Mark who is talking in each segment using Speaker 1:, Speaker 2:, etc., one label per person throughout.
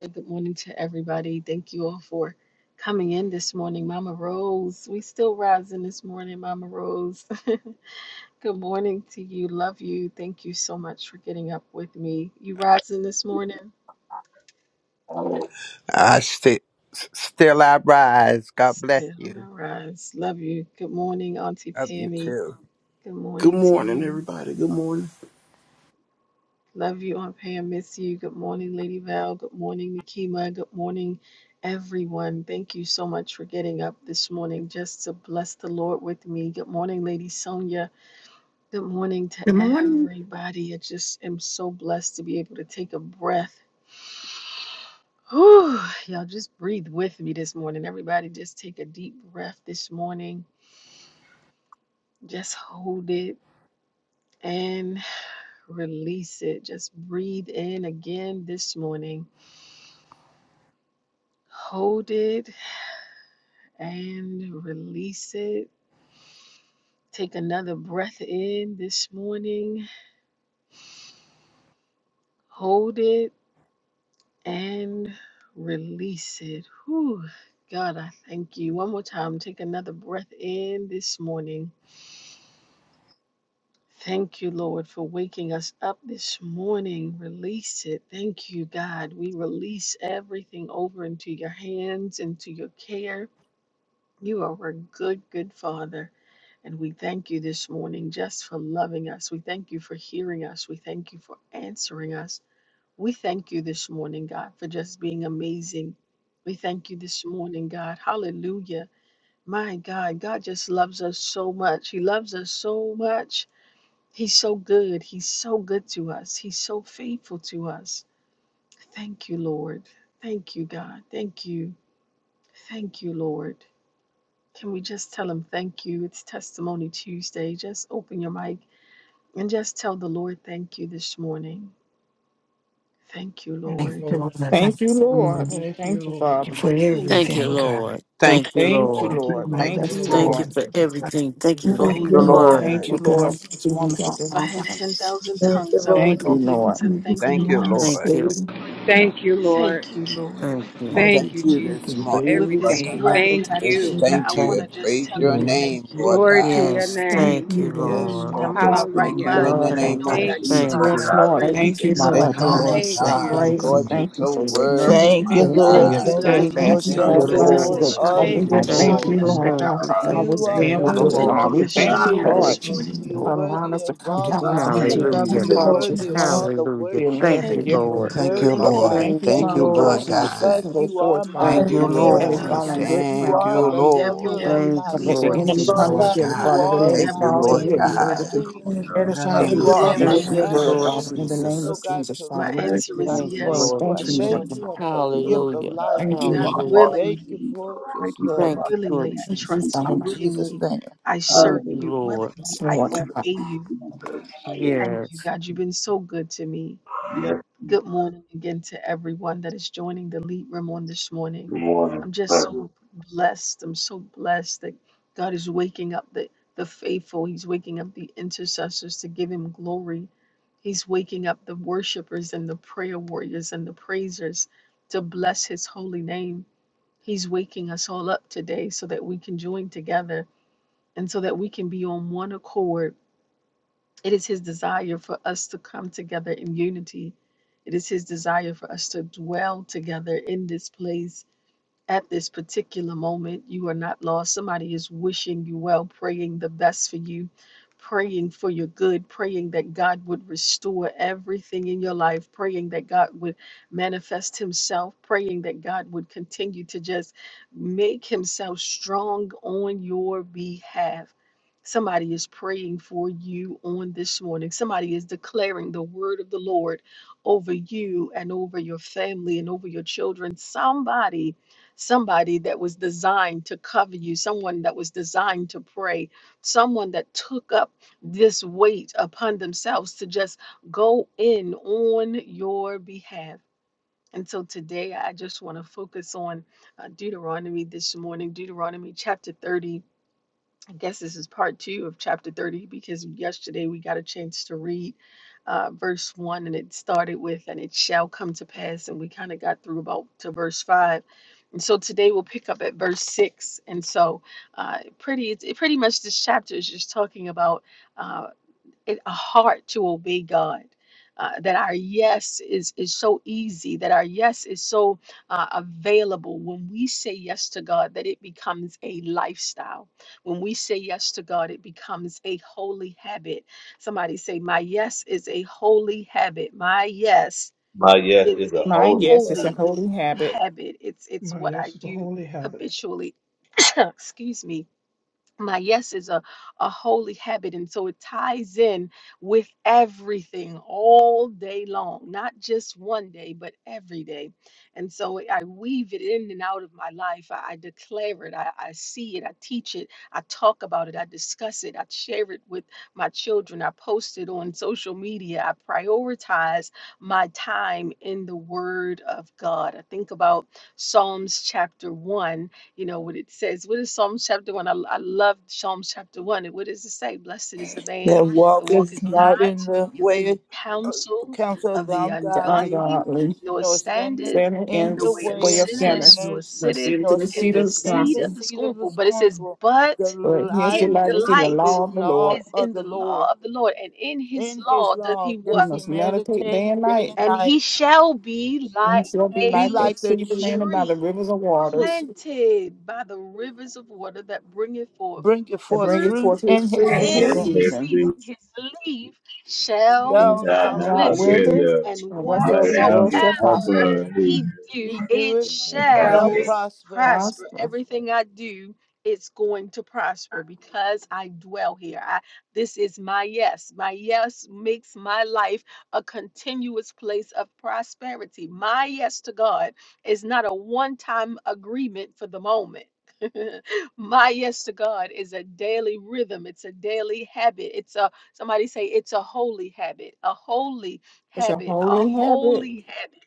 Speaker 1: Good morning to everybody. Thank you all for coming in this morning. Mama Rose, we still rising this morning, Mama Rose. Good morning to you. Love you. Thank you so much for getting up with me. You rising this morning?
Speaker 2: I st- still I rise. God bless
Speaker 1: Still
Speaker 2: you.
Speaker 1: not rise. Love you. Good morning, Auntie
Speaker 2: Love you
Speaker 1: Pammy.
Speaker 2: too.
Speaker 1: Good
Speaker 3: Good
Speaker 1: morning to
Speaker 3: morning,
Speaker 1: you.
Speaker 3: everybody. Good morning.
Speaker 1: Love you, Aunt Pam. Miss you. Good morning, Lady Val. Good morning, Nikema. Good morning, everyone. Thank you so much for getting up this morning just to bless the Lord with me. Good morning, Lady Sonia. Good morning to
Speaker 4: Good morning.
Speaker 1: everybody. I just am so blessed to be able to take a breath. Whew, y'all just breathe with me this morning. Everybody, just take a deep breath this morning. Just hold it and release it. Just breathe in again this morning. Hold it and release it. Take another breath in this morning, hold it, and release it. Whew. God, I thank you. One more time, take another breath in this morning. Thank you, Lord, for waking us up this morning. Release it. Thank you, God. We release everything over into your hands, into your care. You are a good, good Father. And we thank you this morning just for loving us. We thank you for hearing us. We thank you for answering us. We thank you this morning, God, for just being amazing. We thank you this morning, God. Hallelujah. My God, God just loves us so much. He loves us so much. He's so good. He's so good to us. He's so faithful to us. Thank you, Lord. Thank you, God. Thank you. Thank you, Lord. Can we just tell him thank you? It's Testimony Tuesday. Just open your mic And just tell the Lord, thank you this morning. Thank you,
Speaker 5: Thank
Speaker 1: Lord.
Speaker 5: you, Lord. I Thank
Speaker 4: Thank you,
Speaker 5: you
Speaker 4: Lord. Thank you, Father.
Speaker 5: for
Speaker 1: Thank
Speaker 6: Thank
Speaker 1: you,
Speaker 6: you,
Speaker 5: everything,
Speaker 1: Lord.
Speaker 5: God.
Speaker 6: Lord.
Speaker 2: Thank
Speaker 6: Thank you,
Speaker 2: you,
Speaker 4: Thank you,
Speaker 6: Lord.
Speaker 2: Lord.
Speaker 5: Thank
Speaker 1: Thank
Speaker 5: you
Speaker 1: you,
Speaker 5: for
Speaker 4: Lord.
Speaker 5: my
Speaker 2: Thank
Speaker 1: Lord.
Speaker 4: Thank you,
Speaker 2: you,
Speaker 5: destiny.
Speaker 6: Thank
Speaker 2: Lord.
Speaker 6: you
Speaker 4: Lord.
Speaker 6: for everything.
Speaker 4: Yes,
Speaker 6: Thank you for
Speaker 4: Lord.
Speaker 7: Thank
Speaker 2: Thank
Speaker 6: who
Speaker 2: you,
Speaker 7: you,
Speaker 1: Thank
Speaker 6: you
Speaker 1: you,
Speaker 7: Lord.
Speaker 6: are.
Speaker 1: God.
Speaker 4: Thank
Speaker 2: Lord.
Speaker 5: Oh,
Speaker 4: you, Lord,
Speaker 5: God,
Speaker 4: for this
Speaker 5: being
Speaker 4: wonderful
Speaker 5: God,
Speaker 4: day.
Speaker 1: If I
Speaker 5: Father.
Speaker 1: had 10,000
Speaker 7: Thank you,
Speaker 1: tongues, I
Speaker 7: Lord.
Speaker 4: Thank
Speaker 1: wouldn't
Speaker 5: Oh,
Speaker 4: you,
Speaker 1: be able
Speaker 4: Lord.
Speaker 1: to
Speaker 5: thank you for
Speaker 1: thank Him
Speaker 2: Thank you,
Speaker 1: enough.
Speaker 2: Lord.
Speaker 6: Thank you.
Speaker 5: non-saving.
Speaker 8: Thank you, Lord.
Speaker 1: Thank you, Lord.
Speaker 6: Thank
Speaker 2: We
Speaker 6: you.
Speaker 5: I
Speaker 8: Thank
Speaker 2: thank
Speaker 8: you,
Speaker 2: you
Speaker 5: continue to
Speaker 2: this
Speaker 8: Jesus, for
Speaker 2: morning,
Speaker 1: With
Speaker 5: breathe
Speaker 1: this
Speaker 2: Lord
Speaker 5: and be
Speaker 2: God.
Speaker 8: everything.
Speaker 1: breath
Speaker 5: able
Speaker 1: that
Speaker 5: to
Speaker 8: Thank
Speaker 1: I
Speaker 2: We
Speaker 8: you.
Speaker 2: Just
Speaker 1: take, I,
Speaker 2: thank you
Speaker 1: want
Speaker 5: return.
Speaker 1: to
Speaker 2: and
Speaker 1: just
Speaker 2: praise
Speaker 1: tell
Speaker 2: your
Speaker 1: you
Speaker 5: You
Speaker 2: name,
Speaker 1: thank
Speaker 5: know,
Speaker 1: you.
Speaker 2: Lord
Speaker 8: Glory to
Speaker 2: God.
Speaker 8: your
Speaker 6: Yes.
Speaker 5: thank
Speaker 8: name.
Speaker 6: Thank you,
Speaker 5: you, Lord,
Speaker 2: Yes,
Speaker 6: Lord.
Speaker 1: Mm,
Speaker 5: for
Speaker 1: I'm
Speaker 2: Lord.
Speaker 1: in my
Speaker 5: just
Speaker 1: right
Speaker 2: Thank
Speaker 5: being
Speaker 2: you
Speaker 8: Hallelujah.
Speaker 1: mind
Speaker 2: in the
Speaker 5: God
Speaker 1: because I
Speaker 5: of
Speaker 2: name
Speaker 6: Thank
Speaker 1: know
Speaker 5: my
Speaker 2: of
Speaker 1: that
Speaker 6: you.
Speaker 1: I
Speaker 8: Thank you,
Speaker 1: need to
Speaker 2: Jesus.
Speaker 6: Thank
Speaker 1: give
Speaker 4: Yes,
Speaker 6: you.
Speaker 8: Father.
Speaker 1: you
Speaker 4: Lord.
Speaker 5: Thank you
Speaker 1: praise.
Speaker 4: Thank
Speaker 5: for
Speaker 4: you,
Speaker 1: And
Speaker 5: my
Speaker 1: so I
Speaker 4: Lord.
Speaker 2: Thank you,
Speaker 1: tell
Speaker 4: God.
Speaker 1: you
Speaker 2: Lord
Speaker 8: Thank
Speaker 5: mindset,
Speaker 8: you.
Speaker 1: thank
Speaker 2: God.
Speaker 5: Lord
Speaker 4: Praise
Speaker 1: you.
Speaker 5: God.
Speaker 4: and
Speaker 2: Lord, you're
Speaker 4: thank you
Speaker 2: so
Speaker 4: for your mercy.
Speaker 2: worthy,
Speaker 9: Thank you,
Speaker 2: my
Speaker 4: Thank you
Speaker 5: Lord
Speaker 4: for
Speaker 9: Lord.
Speaker 1: Thank
Speaker 5: God,
Speaker 4: your
Speaker 1: you,
Speaker 2: God.
Speaker 9: Thank
Speaker 10: you,
Speaker 9: you,
Speaker 1: God,
Speaker 6: Thank you,
Speaker 9: Lord.
Speaker 5: thank
Speaker 1: because
Speaker 4: steadfast
Speaker 1: you
Speaker 5: you
Speaker 2: Thank
Speaker 5: for the
Speaker 9: Thank
Speaker 2: you,
Speaker 1: woke
Speaker 4: love,
Speaker 9: you,
Speaker 6: Jesus.
Speaker 1: us up
Speaker 4: God.
Speaker 5: voices
Speaker 9: Lord.
Speaker 5: that
Speaker 1: this
Speaker 2: Lord.
Speaker 10: thank
Speaker 5: cover
Speaker 1: morning
Speaker 2: Thank
Speaker 4: We
Speaker 8: Thank
Speaker 2: you,
Speaker 1: and
Speaker 5: my
Speaker 1: you're
Speaker 4: just
Speaker 8: you.
Speaker 9: Hallelujah.
Speaker 6: Thank
Speaker 4: thank
Speaker 1: starting
Speaker 5: life
Speaker 4: you,
Speaker 6: you.
Speaker 2: Lord.
Speaker 1: us
Speaker 5: and
Speaker 4: Lord,
Speaker 1: on
Speaker 6: Thank
Speaker 1: our
Speaker 4: God,
Speaker 6: you.
Speaker 4: for
Speaker 1: way.
Speaker 6: Thank
Speaker 9: You
Speaker 4: always
Speaker 6: you.
Speaker 9: are
Speaker 2: Thank
Speaker 4: being
Speaker 6: Thank
Speaker 2: you,
Speaker 4: with
Speaker 6: you.
Speaker 4: us,
Speaker 9: worthy
Speaker 6: Thank
Speaker 2: Lord.
Speaker 1: Thank
Speaker 9: of
Speaker 1: you
Speaker 4: God.
Speaker 6: you.
Speaker 4: We
Speaker 1: for
Speaker 5: hallelujah to
Speaker 4: thank you,
Speaker 1: strength
Speaker 9: praise.
Speaker 4: Lord.
Speaker 1: this
Speaker 5: encourage me,
Speaker 1: morning.
Speaker 9: You're
Speaker 5: Lord.
Speaker 4: Father, allow
Speaker 9: worthy
Speaker 4: us to
Speaker 9: of
Speaker 4: come
Speaker 5: It
Speaker 9: all the
Speaker 4: together
Speaker 5: helps me
Speaker 4: in your
Speaker 5: to
Speaker 1: Thank
Speaker 9: honor.
Speaker 1: you,
Speaker 7: Thank
Speaker 6: Hallelujah.
Speaker 4: presence,
Speaker 7: you,
Speaker 9: You're
Speaker 1: Lord.
Speaker 4: Father,
Speaker 7: Lord.
Speaker 5: encourage
Speaker 9: worthy
Speaker 4: this
Speaker 9: of
Speaker 4: morning.
Speaker 9: all
Speaker 5: myself.
Speaker 9: the
Speaker 6: Hallelujah.
Speaker 4: Be led
Speaker 9: worship.
Speaker 6: Thank
Speaker 4: by
Speaker 6: you,
Speaker 5: Thank
Speaker 1: Thank
Speaker 4: your
Speaker 5: you,
Speaker 1: you,
Speaker 9: You're
Speaker 4: Holy
Speaker 6: Lord.
Speaker 5: Lord.
Speaker 1: God.
Speaker 2: Thank
Speaker 4: Spirit,
Speaker 2: you,
Speaker 9: worthy.
Speaker 4: Father.
Speaker 1: Thank
Speaker 4: We
Speaker 9: I
Speaker 1: you.
Speaker 2: Lord.
Speaker 4: thank
Speaker 6: Thank
Speaker 4: you,
Speaker 6: you,
Speaker 9: thank
Speaker 2: Thank you,
Speaker 4: Father
Speaker 9: you,
Speaker 6: Lord
Speaker 4: God,
Speaker 2: Lord
Speaker 9: Lord,
Speaker 4: that the peace
Speaker 9: because
Speaker 6: Jesus.
Speaker 2: God.
Speaker 4: can go
Speaker 9: you are
Speaker 4: forth, Father,
Speaker 9: my
Speaker 6: Thank
Speaker 2: Thank
Speaker 7: Thank
Speaker 6: you,
Speaker 2: you,
Speaker 4: and
Speaker 1: Have
Speaker 7: you,
Speaker 1: your
Speaker 7: Lord.
Speaker 6: Lord
Speaker 9: Redeemer.
Speaker 4: it's
Speaker 1: way,
Speaker 2: Lord.
Speaker 4: all in
Speaker 1: God.
Speaker 6: Jesus.
Speaker 4: good
Speaker 9: You
Speaker 2: Thank
Speaker 4: ground,
Speaker 9: are
Speaker 2: you,
Speaker 4: Father.
Speaker 9: the
Speaker 1: Have your
Speaker 9: lover
Speaker 2: Lord.
Speaker 1: way
Speaker 9: of
Speaker 1: in the
Speaker 6: Thank
Speaker 9: my
Speaker 4: And
Speaker 6: you,
Speaker 4: let
Speaker 1: lead
Speaker 4: the
Speaker 6: Lord
Speaker 1: room
Speaker 2: Thank
Speaker 4: enemy
Speaker 9: soul.
Speaker 1: this
Speaker 2: you,
Speaker 7: Lord
Speaker 4: come and
Speaker 2: Lord
Speaker 1: morning.
Speaker 6: Jesus.
Speaker 7: God.
Speaker 4: shield,
Speaker 9: You
Speaker 4: Father,
Speaker 2: God.
Speaker 4: but
Speaker 9: are
Speaker 4: let
Speaker 6: Thank
Speaker 4: it
Speaker 2: Thank
Speaker 1: Have
Speaker 6: you,
Speaker 2: you,
Speaker 1: your
Speaker 4: fall so
Speaker 6: Lord
Speaker 1: way
Speaker 9: my
Speaker 2: Lord
Speaker 4: we'll
Speaker 1: in
Speaker 4: be
Speaker 1: me,
Speaker 6: Jesus.
Speaker 4: able
Speaker 2: God.
Speaker 1: God.
Speaker 4: to
Speaker 9: everything.
Speaker 10: you,
Speaker 2: In the
Speaker 4: edify
Speaker 10: hallelujah.
Speaker 2: name
Speaker 7: Thank
Speaker 4: you,
Speaker 9: You
Speaker 7: you,
Speaker 2: of
Speaker 9: are
Speaker 1: Have
Speaker 4: Father,
Speaker 9: my
Speaker 1: your
Speaker 6: Thank
Speaker 4: with
Speaker 7: Lord.
Speaker 4: your
Speaker 1: way,
Speaker 6: you,
Speaker 10: Thank
Speaker 2: Jesus.
Speaker 4: word,
Speaker 10: you,
Speaker 1: God.
Speaker 6: Lord
Speaker 9: pathway.
Speaker 4: Father, in the
Speaker 10: Jesus.
Speaker 4: name
Speaker 6: Jesus.
Speaker 9: Lord
Speaker 4: of
Speaker 9: God,
Speaker 4: Jesus,
Speaker 9: to
Speaker 1: My
Speaker 4: Father. We
Speaker 10: Thank
Speaker 4: just
Speaker 9: righteousness.
Speaker 1: answer
Speaker 10: you,
Speaker 4: give
Speaker 9: I
Speaker 1: is
Speaker 4: you
Speaker 6: Thank you,
Speaker 9: thank
Speaker 4: glory.
Speaker 10: Jesus.
Speaker 1: yes
Speaker 6: Lord
Speaker 9: you. I
Speaker 4: Thank you,
Speaker 1: this
Speaker 10: Thank
Speaker 6: Jesus.
Speaker 4: Lord
Speaker 9: thank
Speaker 10: you,
Speaker 4: God.
Speaker 1: morning.
Speaker 9: you for the
Speaker 10: Lord.
Speaker 9: gift
Speaker 10: Glory
Speaker 9: of
Speaker 10: to
Speaker 6: Hallelujah.
Speaker 9: life.
Speaker 10: God.
Speaker 4: Thank you,
Speaker 10: You
Speaker 1: God,
Speaker 4: Lord.
Speaker 10: are
Speaker 6: Hallelujah.
Speaker 10: awesome,
Speaker 9: Thank you
Speaker 1: willingly,
Speaker 10: Jesus.
Speaker 9: for
Speaker 10: Thank
Speaker 9: just
Speaker 10: you for
Speaker 9: love.
Speaker 6: Thank you,
Speaker 10: my
Speaker 6: Lord
Speaker 1: willingly,
Speaker 10: family.
Speaker 1: I
Speaker 4: Thank you,
Speaker 6: Jesus.
Speaker 10: Thank
Speaker 1: trust you.
Speaker 9: In
Speaker 10: you,
Speaker 4: Father.
Speaker 9: Jesus'
Speaker 1: Willingly,
Speaker 9: name.
Speaker 1: I serve
Speaker 6: Thank
Speaker 10: Hallelujah.
Speaker 6: you,
Speaker 1: you.
Speaker 6: Lord.
Speaker 1: Willingly,
Speaker 4: Yes,
Speaker 1: I
Speaker 4: Lord God.
Speaker 1: obey you.
Speaker 10: Jesus. Hallelujah.
Speaker 1: Thank
Speaker 6: Yes.
Speaker 1: you, God. You've been so good to me.
Speaker 10: Yes,
Speaker 1: Good morning again to everyone that is joining the lead room on this morning.
Speaker 10: good morning.
Speaker 1: I'm just
Speaker 10: Father.
Speaker 1: so blessed. I'm so blessed that God is waking up the, the faithful. He's waking up the intercessors to give him glory. He's waking up the worshipers and the prayer warriors and the praisers to bless his holy name. He's waking us all up today so that we can join together and so that we can be on one accord it is His desire for us to come together in unity. It is His desire for us to dwell together in this place at this particular moment. You are not lost. Somebody is wishing you well, praying the best for you, praying for your good, praying that God would restore everything in your life, praying that God would manifest Himself, praying that God would continue to just make Himself strong on your behalf. Somebody is praying for you on this morning. Somebody is declaring the word of the Lord over you and over your family and over your children. Somebody somebody that was designed to cover you, someone that was designed to pray, someone that took up this weight upon themselves to just go in on your behalf. And so today I just want to focus on uh, Deuteronomy this morning, Deuteronomy chapter 30 I guess this is part two of chapter 30 because yesterday we got a chance to read uh, verse one and it started with, and it shall come to pass. And we kind of got through about to verse five. And so today we'll pick up at verse six. And so, uh, pretty, it's, it pretty much this chapter is just talking about. uh, it, a heart to obey God. Uh, that our yes is is so easy. That our yes is so uh, available. When we say yes to God, that it becomes a lifestyle. When we say yes to God, it becomes a holy habit. Somebody say, "My yes is a holy habit. My yes
Speaker 10: My yes
Speaker 1: is
Speaker 10: is a
Speaker 1: a
Speaker 4: My
Speaker 10: holy
Speaker 4: yes, it's
Speaker 10: God.
Speaker 4: a
Speaker 1: holy
Speaker 4: holy habit,
Speaker 1: habit. It's it's what I do habitually." Excuse me my yes is a, a holy habit and so it ties in with everything all day long not just one day but every day and so i weave it in and out of my life i, I declare it I, I see it i teach it i talk about it i discuss it i share it with my children i post it on social media i prioritize my time in the word of god i think about psalms chapter 1 you know what it says. What is Psalms chapter one? I, I love Psalms chapter one. And what does it say? Blessed is the man
Speaker 9: That
Speaker 1: that
Speaker 9: walk is
Speaker 1: walketh
Speaker 9: not
Speaker 1: not
Speaker 9: in the
Speaker 1: in
Speaker 9: way of
Speaker 1: the counsel
Speaker 9: counsel of
Speaker 1: of
Speaker 9: the
Speaker 1: the
Speaker 4: the
Speaker 9: ungodly,
Speaker 1: ungodly,
Speaker 4: ungodly.
Speaker 1: nor
Speaker 9: nor standing
Speaker 1: standeth
Speaker 4: Senate
Speaker 1: in
Speaker 9: in
Speaker 4: and
Speaker 1: the
Speaker 9: the
Speaker 1: way
Speaker 4: the
Speaker 1: of
Speaker 9: way
Speaker 4: way
Speaker 9: of
Speaker 4: of
Speaker 1: sinners,
Speaker 4: Shannon's,
Speaker 1: nor
Speaker 9: sinners,
Speaker 4: from
Speaker 1: sitteth
Speaker 4: city to
Speaker 9: nor
Speaker 4: the
Speaker 1: in
Speaker 4: seat
Speaker 1: the
Speaker 9: sitting
Speaker 4: of
Speaker 9: in
Speaker 1: seat
Speaker 9: the
Speaker 1: of
Speaker 4: Wisconsin.
Speaker 1: the
Speaker 9: seat of the
Speaker 1: scornful. But it says,
Speaker 9: scornful. The
Speaker 1: but
Speaker 4: But here's the
Speaker 9: light
Speaker 1: his
Speaker 4: light is in the
Speaker 9: is
Speaker 1: delight
Speaker 4: law of
Speaker 9: in
Speaker 4: the Lord.
Speaker 1: is
Speaker 9: all of
Speaker 1: in
Speaker 9: the
Speaker 1: the
Speaker 9: Lord.
Speaker 1: law of the Lord, and in his
Speaker 9: In his
Speaker 1: law doth he
Speaker 9: law
Speaker 1: what?
Speaker 4: We
Speaker 9: does he
Speaker 4: must meditate day
Speaker 9: meditate
Speaker 4: and
Speaker 9: day and
Speaker 4: night,
Speaker 1: and he
Speaker 9: night.
Speaker 1: shall be like
Speaker 4: and shall be
Speaker 9: Be
Speaker 4: like
Speaker 1: a
Speaker 4: that
Speaker 9: like the
Speaker 4: sea
Speaker 9: true
Speaker 4: planted by the
Speaker 1: tree
Speaker 4: rivers of
Speaker 9: fruit,
Speaker 4: waters,
Speaker 1: planted by the rivers of water that bringeth forth
Speaker 9: bringing
Speaker 4: that
Speaker 9: forth
Speaker 1: fruit
Speaker 4: bringeth
Speaker 9: fruit
Speaker 4: forth his
Speaker 9: in his
Speaker 4: fruit in
Speaker 10: Yes,
Speaker 1: in
Speaker 4: his
Speaker 10: yes,
Speaker 9: season.
Speaker 1: his
Speaker 4: season.
Speaker 10: yes.
Speaker 1: season. His leaf shall not
Speaker 4: And
Speaker 9: Thou
Speaker 10: Thou
Speaker 9: not
Speaker 10: now
Speaker 1: wither,
Speaker 4: not
Speaker 10: will,
Speaker 9: wither.
Speaker 4: wither,
Speaker 10: yeah.
Speaker 1: and
Speaker 4: and
Speaker 10: but
Speaker 4: whatsoever he
Speaker 1: whatsoever
Speaker 10: now with
Speaker 4: does
Speaker 10: the
Speaker 4: shall
Speaker 10: Lamb
Speaker 4: prosper.
Speaker 9: for
Speaker 10: forever
Speaker 1: he do,
Speaker 9: He
Speaker 10: is
Speaker 9: doeth
Speaker 1: it
Speaker 10: God,
Speaker 9: They'll
Speaker 1: shall
Speaker 10: Father.
Speaker 9: prosper.
Speaker 1: prosper.
Speaker 4: Prosper.
Speaker 1: Everything I do, it's going to prosper because I dwell here. I, this is my yes. My yes makes my life a continuous place of prosperity. My yes to God is not a one time agreement for the moment. my yes to God is a daily rhythm. It's a daily habit. It's a somebody say it's a holy habit, a holy
Speaker 4: It's a
Speaker 1: habit, a
Speaker 4: holy habit.
Speaker 1: holy habit,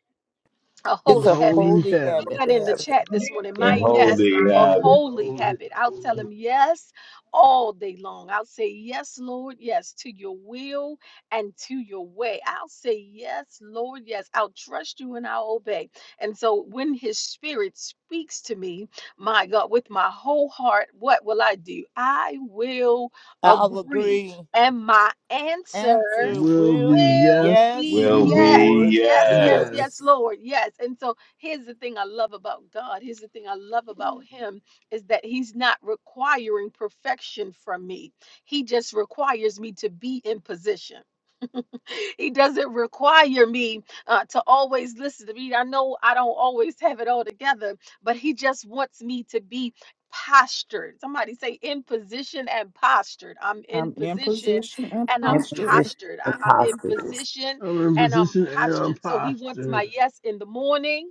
Speaker 1: a
Speaker 9: It's a
Speaker 1: holy habit.
Speaker 11: holy
Speaker 9: holy
Speaker 1: Put
Speaker 9: habit.
Speaker 11: heaven,
Speaker 1: that in the
Speaker 7: Yeah.
Speaker 1: chat this morning. My
Speaker 10: And
Speaker 1: yes is
Speaker 10: holy
Speaker 1: a
Speaker 10: God
Speaker 11: holy,
Speaker 1: holy
Speaker 11: holy,
Speaker 1: habit. I'll tell
Speaker 11: holy,
Speaker 1: him yes all day long. I'll say yes, Lord, yes to your will and to your way. I'll say yes, Lord, yes. I'll trust you and I'll obey. And so when his spirit speaks to me, my God, with my whole heart, what will I do? I will
Speaker 9: I'll
Speaker 1: agree.
Speaker 9: agree.
Speaker 1: And my answer
Speaker 9: Answer
Speaker 11: will be
Speaker 9: will be
Speaker 1: will
Speaker 11: yes,
Speaker 9: yes,
Speaker 1: be
Speaker 10: will
Speaker 1: yes
Speaker 10: be,
Speaker 9: Lord,
Speaker 11: Lord,
Speaker 1: yes
Speaker 10: yes.
Speaker 1: yes
Speaker 11: yes.
Speaker 1: yes
Speaker 9: yes.
Speaker 1: lord yes and so here's the thing i love about god here's the thing i love about him is that he's not requiring perfection from me he just requires me to be in position he doesn't require me uh, to always listen to me. I know I don't always have it all together, but he just wants me to be postured. Somebody say in position and postured. I'm in
Speaker 4: I'm in
Speaker 1: position
Speaker 4: position and
Speaker 1: and I'm
Speaker 12: in
Speaker 4: posture.
Speaker 12: position
Speaker 1: postured. I, I'm in
Speaker 12: imposters.
Speaker 1: position
Speaker 11: I'm in
Speaker 1: and I'm
Speaker 11: position and I'm
Speaker 1: postured. So he wants my
Speaker 11: posture.
Speaker 1: yes in the morning.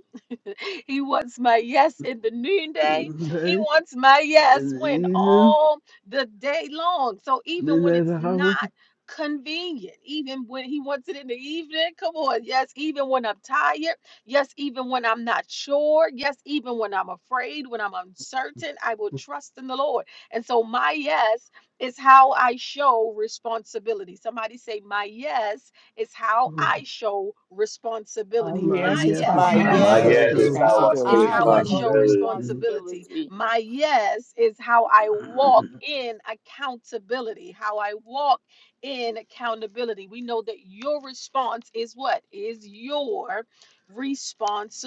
Speaker 1: He wants my yes in the noonday. He
Speaker 11: Okay?
Speaker 1: wants my
Speaker 11: In
Speaker 1: yes
Speaker 11: the
Speaker 1: when
Speaker 11: evening,
Speaker 1: all the day long. So even when it's
Speaker 11: midnight
Speaker 1: not
Speaker 11: hour,
Speaker 1: convenient, even when he wants it in the evening, come on. Yes, even when I'm tired. Yes, even when I'm not sure. Yes, even when I'm afraid, when I'm uncertain, I will trust in the Lord. And so my yes is how I show responsibility. Somebody say, My yes is how I show
Speaker 4: All
Speaker 1: responsibility.
Speaker 4: he
Speaker 11: my
Speaker 4: asks
Speaker 1: My
Speaker 4: is
Speaker 11: yes
Speaker 4: how
Speaker 11: is
Speaker 9: My
Speaker 1: yes
Speaker 4: I
Speaker 11: how
Speaker 10: My
Speaker 11: I
Speaker 9: yes
Speaker 4: feel
Speaker 10: yes
Speaker 9: is
Speaker 10: is
Speaker 11: show
Speaker 10: how
Speaker 9: how
Speaker 10: I show
Speaker 1: is
Speaker 4: responsibility.
Speaker 9: I
Speaker 1: how I
Speaker 9: show
Speaker 1: show
Speaker 10: responsibility.
Speaker 11: responsibility.
Speaker 1: responsibility.
Speaker 9: responsibility.
Speaker 1: My yes is how I walk in accountability, how I walk in accountability. We know that your response is what? Is your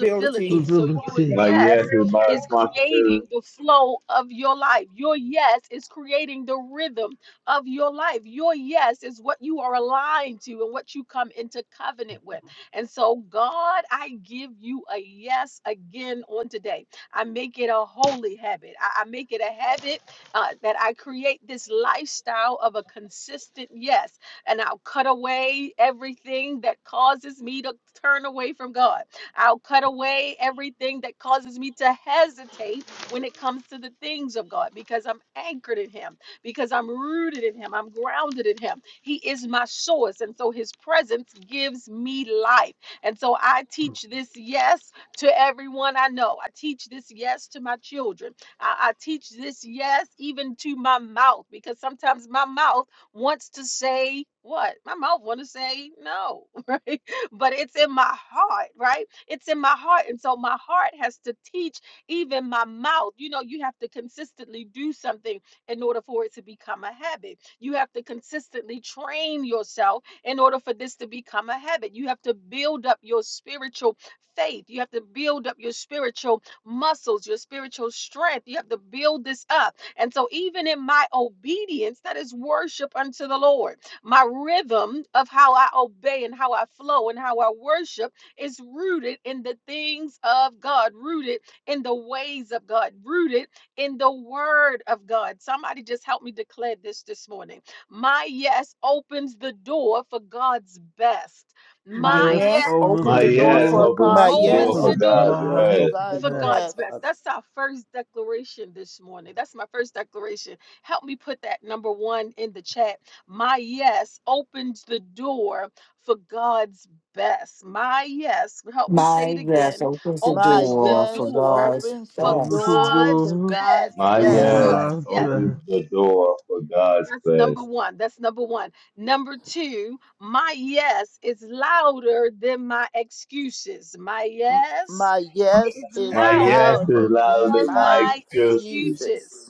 Speaker 4: Ability
Speaker 1: So your
Speaker 11: Stability.
Speaker 10: My yes
Speaker 1: yes
Speaker 10: is my
Speaker 1: is creating
Speaker 10: responsibility.
Speaker 1: the flow of your life. Your yes is creating the rhythm of your life. Your yes is what you are aligned to and what you come into covenant with. And so, God, I give you a yes again on today. I make it a holy habit. I, I make it a habit uh, that I create this lifestyle of a consistent yes. And I'll cut away everything that causes me to turn away from God. I'll cut away everything that causes me to hesitate when it comes to the things of God because I'm anchored in Him, because I'm rooted in Him, I'm grounded in Him. He is my source. And so his presence gives me life. And so I teach this yes to everyone I know. I teach this yes to my children. I, I teach this yes even to my mouth because sometimes my mouth wants to say what? My mouth want to say no, right? But it's in my heart, right? It's in my heart. And so my heart has to teach even my mouth. You know, you have to consistently do something in order for it to become a habit. You have to consistently train yourself in order for this to become a habit. You have to build up your spiritual faith. You have to build up your spiritual muscles, your spiritual strength. You have to build this up. And so, even in my obedience, that is worship unto the Lord. My rhythm of how I obey and how I flow and how I worship is rooted in the things of God, rooted in the ways of God, rooted in the word of God. Somebody just help me declare this this morning. My yes opens the door for God's best.
Speaker 4: My
Speaker 1: My
Speaker 11: Yes,
Speaker 1: yes
Speaker 4: yes
Speaker 11: over
Speaker 4: opens
Speaker 10: My
Speaker 11: the
Speaker 4: the door
Speaker 10: yes
Speaker 11: door
Speaker 4: for
Speaker 10: opens
Speaker 9: My
Speaker 4: God's
Speaker 10: the
Speaker 9: yes
Speaker 10: door
Speaker 1: opens
Speaker 11: for
Speaker 10: for
Speaker 1: the
Speaker 4: best.
Speaker 9: opens
Speaker 12: Not
Speaker 9: the
Speaker 10: God's
Speaker 1: door.
Speaker 12: yet
Speaker 9: doors to
Speaker 11: God's
Speaker 12: open
Speaker 10: best.
Speaker 12: the
Speaker 1: For
Speaker 9: God's
Speaker 12: door
Speaker 11: best.
Speaker 9: best.
Speaker 1: God's
Speaker 12: for
Speaker 1: best.
Speaker 12: us.
Speaker 1: That's our first declaration this morning. That's my first declaration. Help me put that number one in the chat. My yes opens the door for God's best. My yes, help me say it
Speaker 5: My yes
Speaker 1: again,
Speaker 5: opens the
Speaker 9: My
Speaker 1: opens the
Speaker 5: door for
Speaker 9: yes
Speaker 1: door
Speaker 5: God's
Speaker 9: opens the
Speaker 1: for
Speaker 11: Over the
Speaker 5: best.
Speaker 9: door
Speaker 1: God's
Speaker 9: to
Speaker 11: door
Speaker 1: best.
Speaker 9: God's
Speaker 10: My
Speaker 1: Yes,
Speaker 11: for
Speaker 1: it
Speaker 9: best.
Speaker 10: yes
Speaker 1: does.
Speaker 5: Man.
Speaker 11: God's
Speaker 1: Yes.
Speaker 10: opens
Speaker 11: best.
Speaker 10: the door for God's
Speaker 1: That's number
Speaker 10: best.
Speaker 1: one. That's number one. Number two, my yes is louder than my excuses. My
Speaker 9: M-
Speaker 1: yes
Speaker 9: My yes
Speaker 1: is
Speaker 9: is
Speaker 10: My
Speaker 1: louder
Speaker 10: yes is
Speaker 9: louder
Speaker 10: louder
Speaker 9: than
Speaker 10: than
Speaker 1: than
Speaker 10: my
Speaker 9: my
Speaker 1: my
Speaker 10: excuses.
Speaker 1: excuses.
Speaker 9: excuses.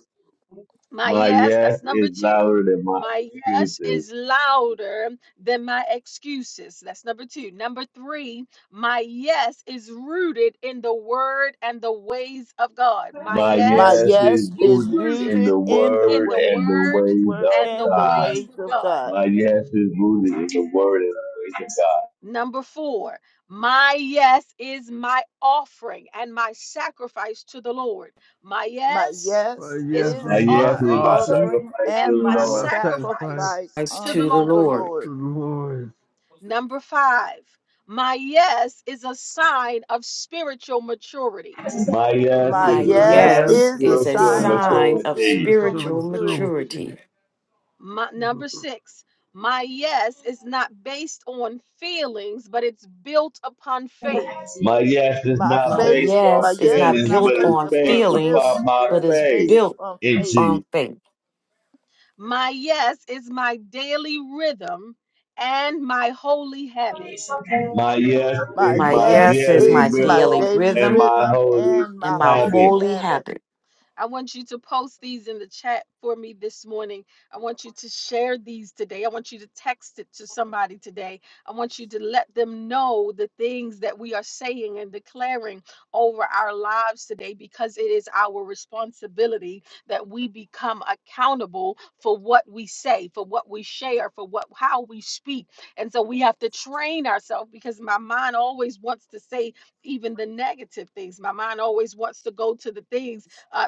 Speaker 1: My
Speaker 10: My
Speaker 1: yes,
Speaker 10: yes
Speaker 1: that's number
Speaker 10: is
Speaker 1: two.
Speaker 10: louder than my
Speaker 1: My yes
Speaker 10: excuses.
Speaker 1: is louder than my excuses. That's number two. Number three, my yes is rooted in the word and the ways of God. My
Speaker 10: My
Speaker 9: My
Speaker 1: yes
Speaker 10: yes is
Speaker 9: yes
Speaker 1: is
Speaker 9: is
Speaker 10: rooted
Speaker 1: rooted
Speaker 10: in
Speaker 9: rooted
Speaker 10: the
Speaker 9: in the
Speaker 1: in
Speaker 10: word
Speaker 1: the
Speaker 10: and
Speaker 9: way,
Speaker 10: the
Speaker 1: word
Speaker 10: ways
Speaker 9: word
Speaker 10: of
Speaker 1: and the
Speaker 9: and the
Speaker 10: God.
Speaker 9: ways
Speaker 1: ways of
Speaker 9: of
Speaker 1: God.
Speaker 9: God.
Speaker 10: My yes is rooted in the word and the ways of
Speaker 1: Number four, my yes is my offering and my sacrifice to the Lord. My
Speaker 9: My
Speaker 1: yes
Speaker 11: But
Speaker 9: yes
Speaker 1: is
Speaker 10: God.
Speaker 11: yes,
Speaker 1: my
Speaker 10: My
Speaker 11: this
Speaker 9: is
Speaker 11: is my
Speaker 10: yes
Speaker 9: my
Speaker 10: is
Speaker 1: offering
Speaker 10: by
Speaker 11: offering,
Speaker 9: offering
Speaker 10: sacrifice
Speaker 9: and
Speaker 1: and
Speaker 10: to
Speaker 1: my
Speaker 10: the
Speaker 9: my
Speaker 10: Lord.
Speaker 11: my sacrifice to
Speaker 1: sacrifice
Speaker 9: sacrifice
Speaker 13: sacrifice
Speaker 1: to the
Speaker 13: to the
Speaker 9: unto the
Speaker 1: Lord.
Speaker 13: Lord.
Speaker 9: Lord.
Speaker 11: the Lord.
Speaker 1: Number five, my yes is a sign of spiritual maturity.
Speaker 10: My yes
Speaker 9: My
Speaker 10: is
Speaker 13: My
Speaker 10: a
Speaker 11: My
Speaker 9: yes
Speaker 10: sign
Speaker 11: yes
Speaker 10: of
Speaker 13: yes
Speaker 9: is
Speaker 11: is
Speaker 9: a
Speaker 11: a
Speaker 13: is a
Speaker 10: spiritual
Speaker 9: sign
Speaker 11: sign
Speaker 9: of
Speaker 13: sign of
Speaker 10: maturity.
Speaker 11: to
Speaker 9: spiritual
Speaker 11: show
Speaker 13: spiritual
Speaker 9: maturity.
Speaker 11: maturity,
Speaker 13: maturity.
Speaker 1: My,
Speaker 11: the
Speaker 1: number six, my yes is not based on feelings, but it's built upon faith.
Speaker 10: My yes is
Speaker 9: My
Speaker 10: not
Speaker 13: My
Speaker 9: faith,
Speaker 10: based on
Speaker 9: my
Speaker 13: yes is
Speaker 9: yes is
Speaker 13: not
Speaker 10: feelings,
Speaker 9: not
Speaker 10: but
Speaker 13: built
Speaker 10: is
Speaker 9: based
Speaker 13: on
Speaker 10: based
Speaker 9: upon
Speaker 10: upon
Speaker 13: feelings,
Speaker 9: feelings,
Speaker 10: my
Speaker 9: but
Speaker 13: but
Speaker 9: it's
Speaker 13: is
Speaker 9: based
Speaker 10: faith
Speaker 13: built
Speaker 9: upon
Speaker 10: in
Speaker 9: faith.
Speaker 10: Jesus.
Speaker 13: on faith.
Speaker 1: My yes is my daily rhythm and my holy habit.
Speaker 10: My yes
Speaker 9: My
Speaker 10: is
Speaker 13: My
Speaker 10: my
Speaker 9: yes
Speaker 13: yes is
Speaker 10: daily
Speaker 13: my
Speaker 9: is my
Speaker 10: rhythm
Speaker 13: daily
Speaker 9: daily
Speaker 10: and
Speaker 13: rhythm
Speaker 10: my
Speaker 9: rhythm
Speaker 10: holy
Speaker 9: and
Speaker 13: and
Speaker 9: my
Speaker 13: my
Speaker 9: holy
Speaker 10: habit.
Speaker 13: holy
Speaker 9: habit.
Speaker 13: habit.
Speaker 1: I want you to post these in the chat for me this morning. I want you to share these today. I want you to text it to somebody today. I want you to let them know the things that we are saying and declaring over our lives today because it is our responsibility that we become accountable for what we say, for what we share, for what how we speak. And so we have to train ourselves because my mind always wants to say even the negative things. My mind always wants to go to the things. uh,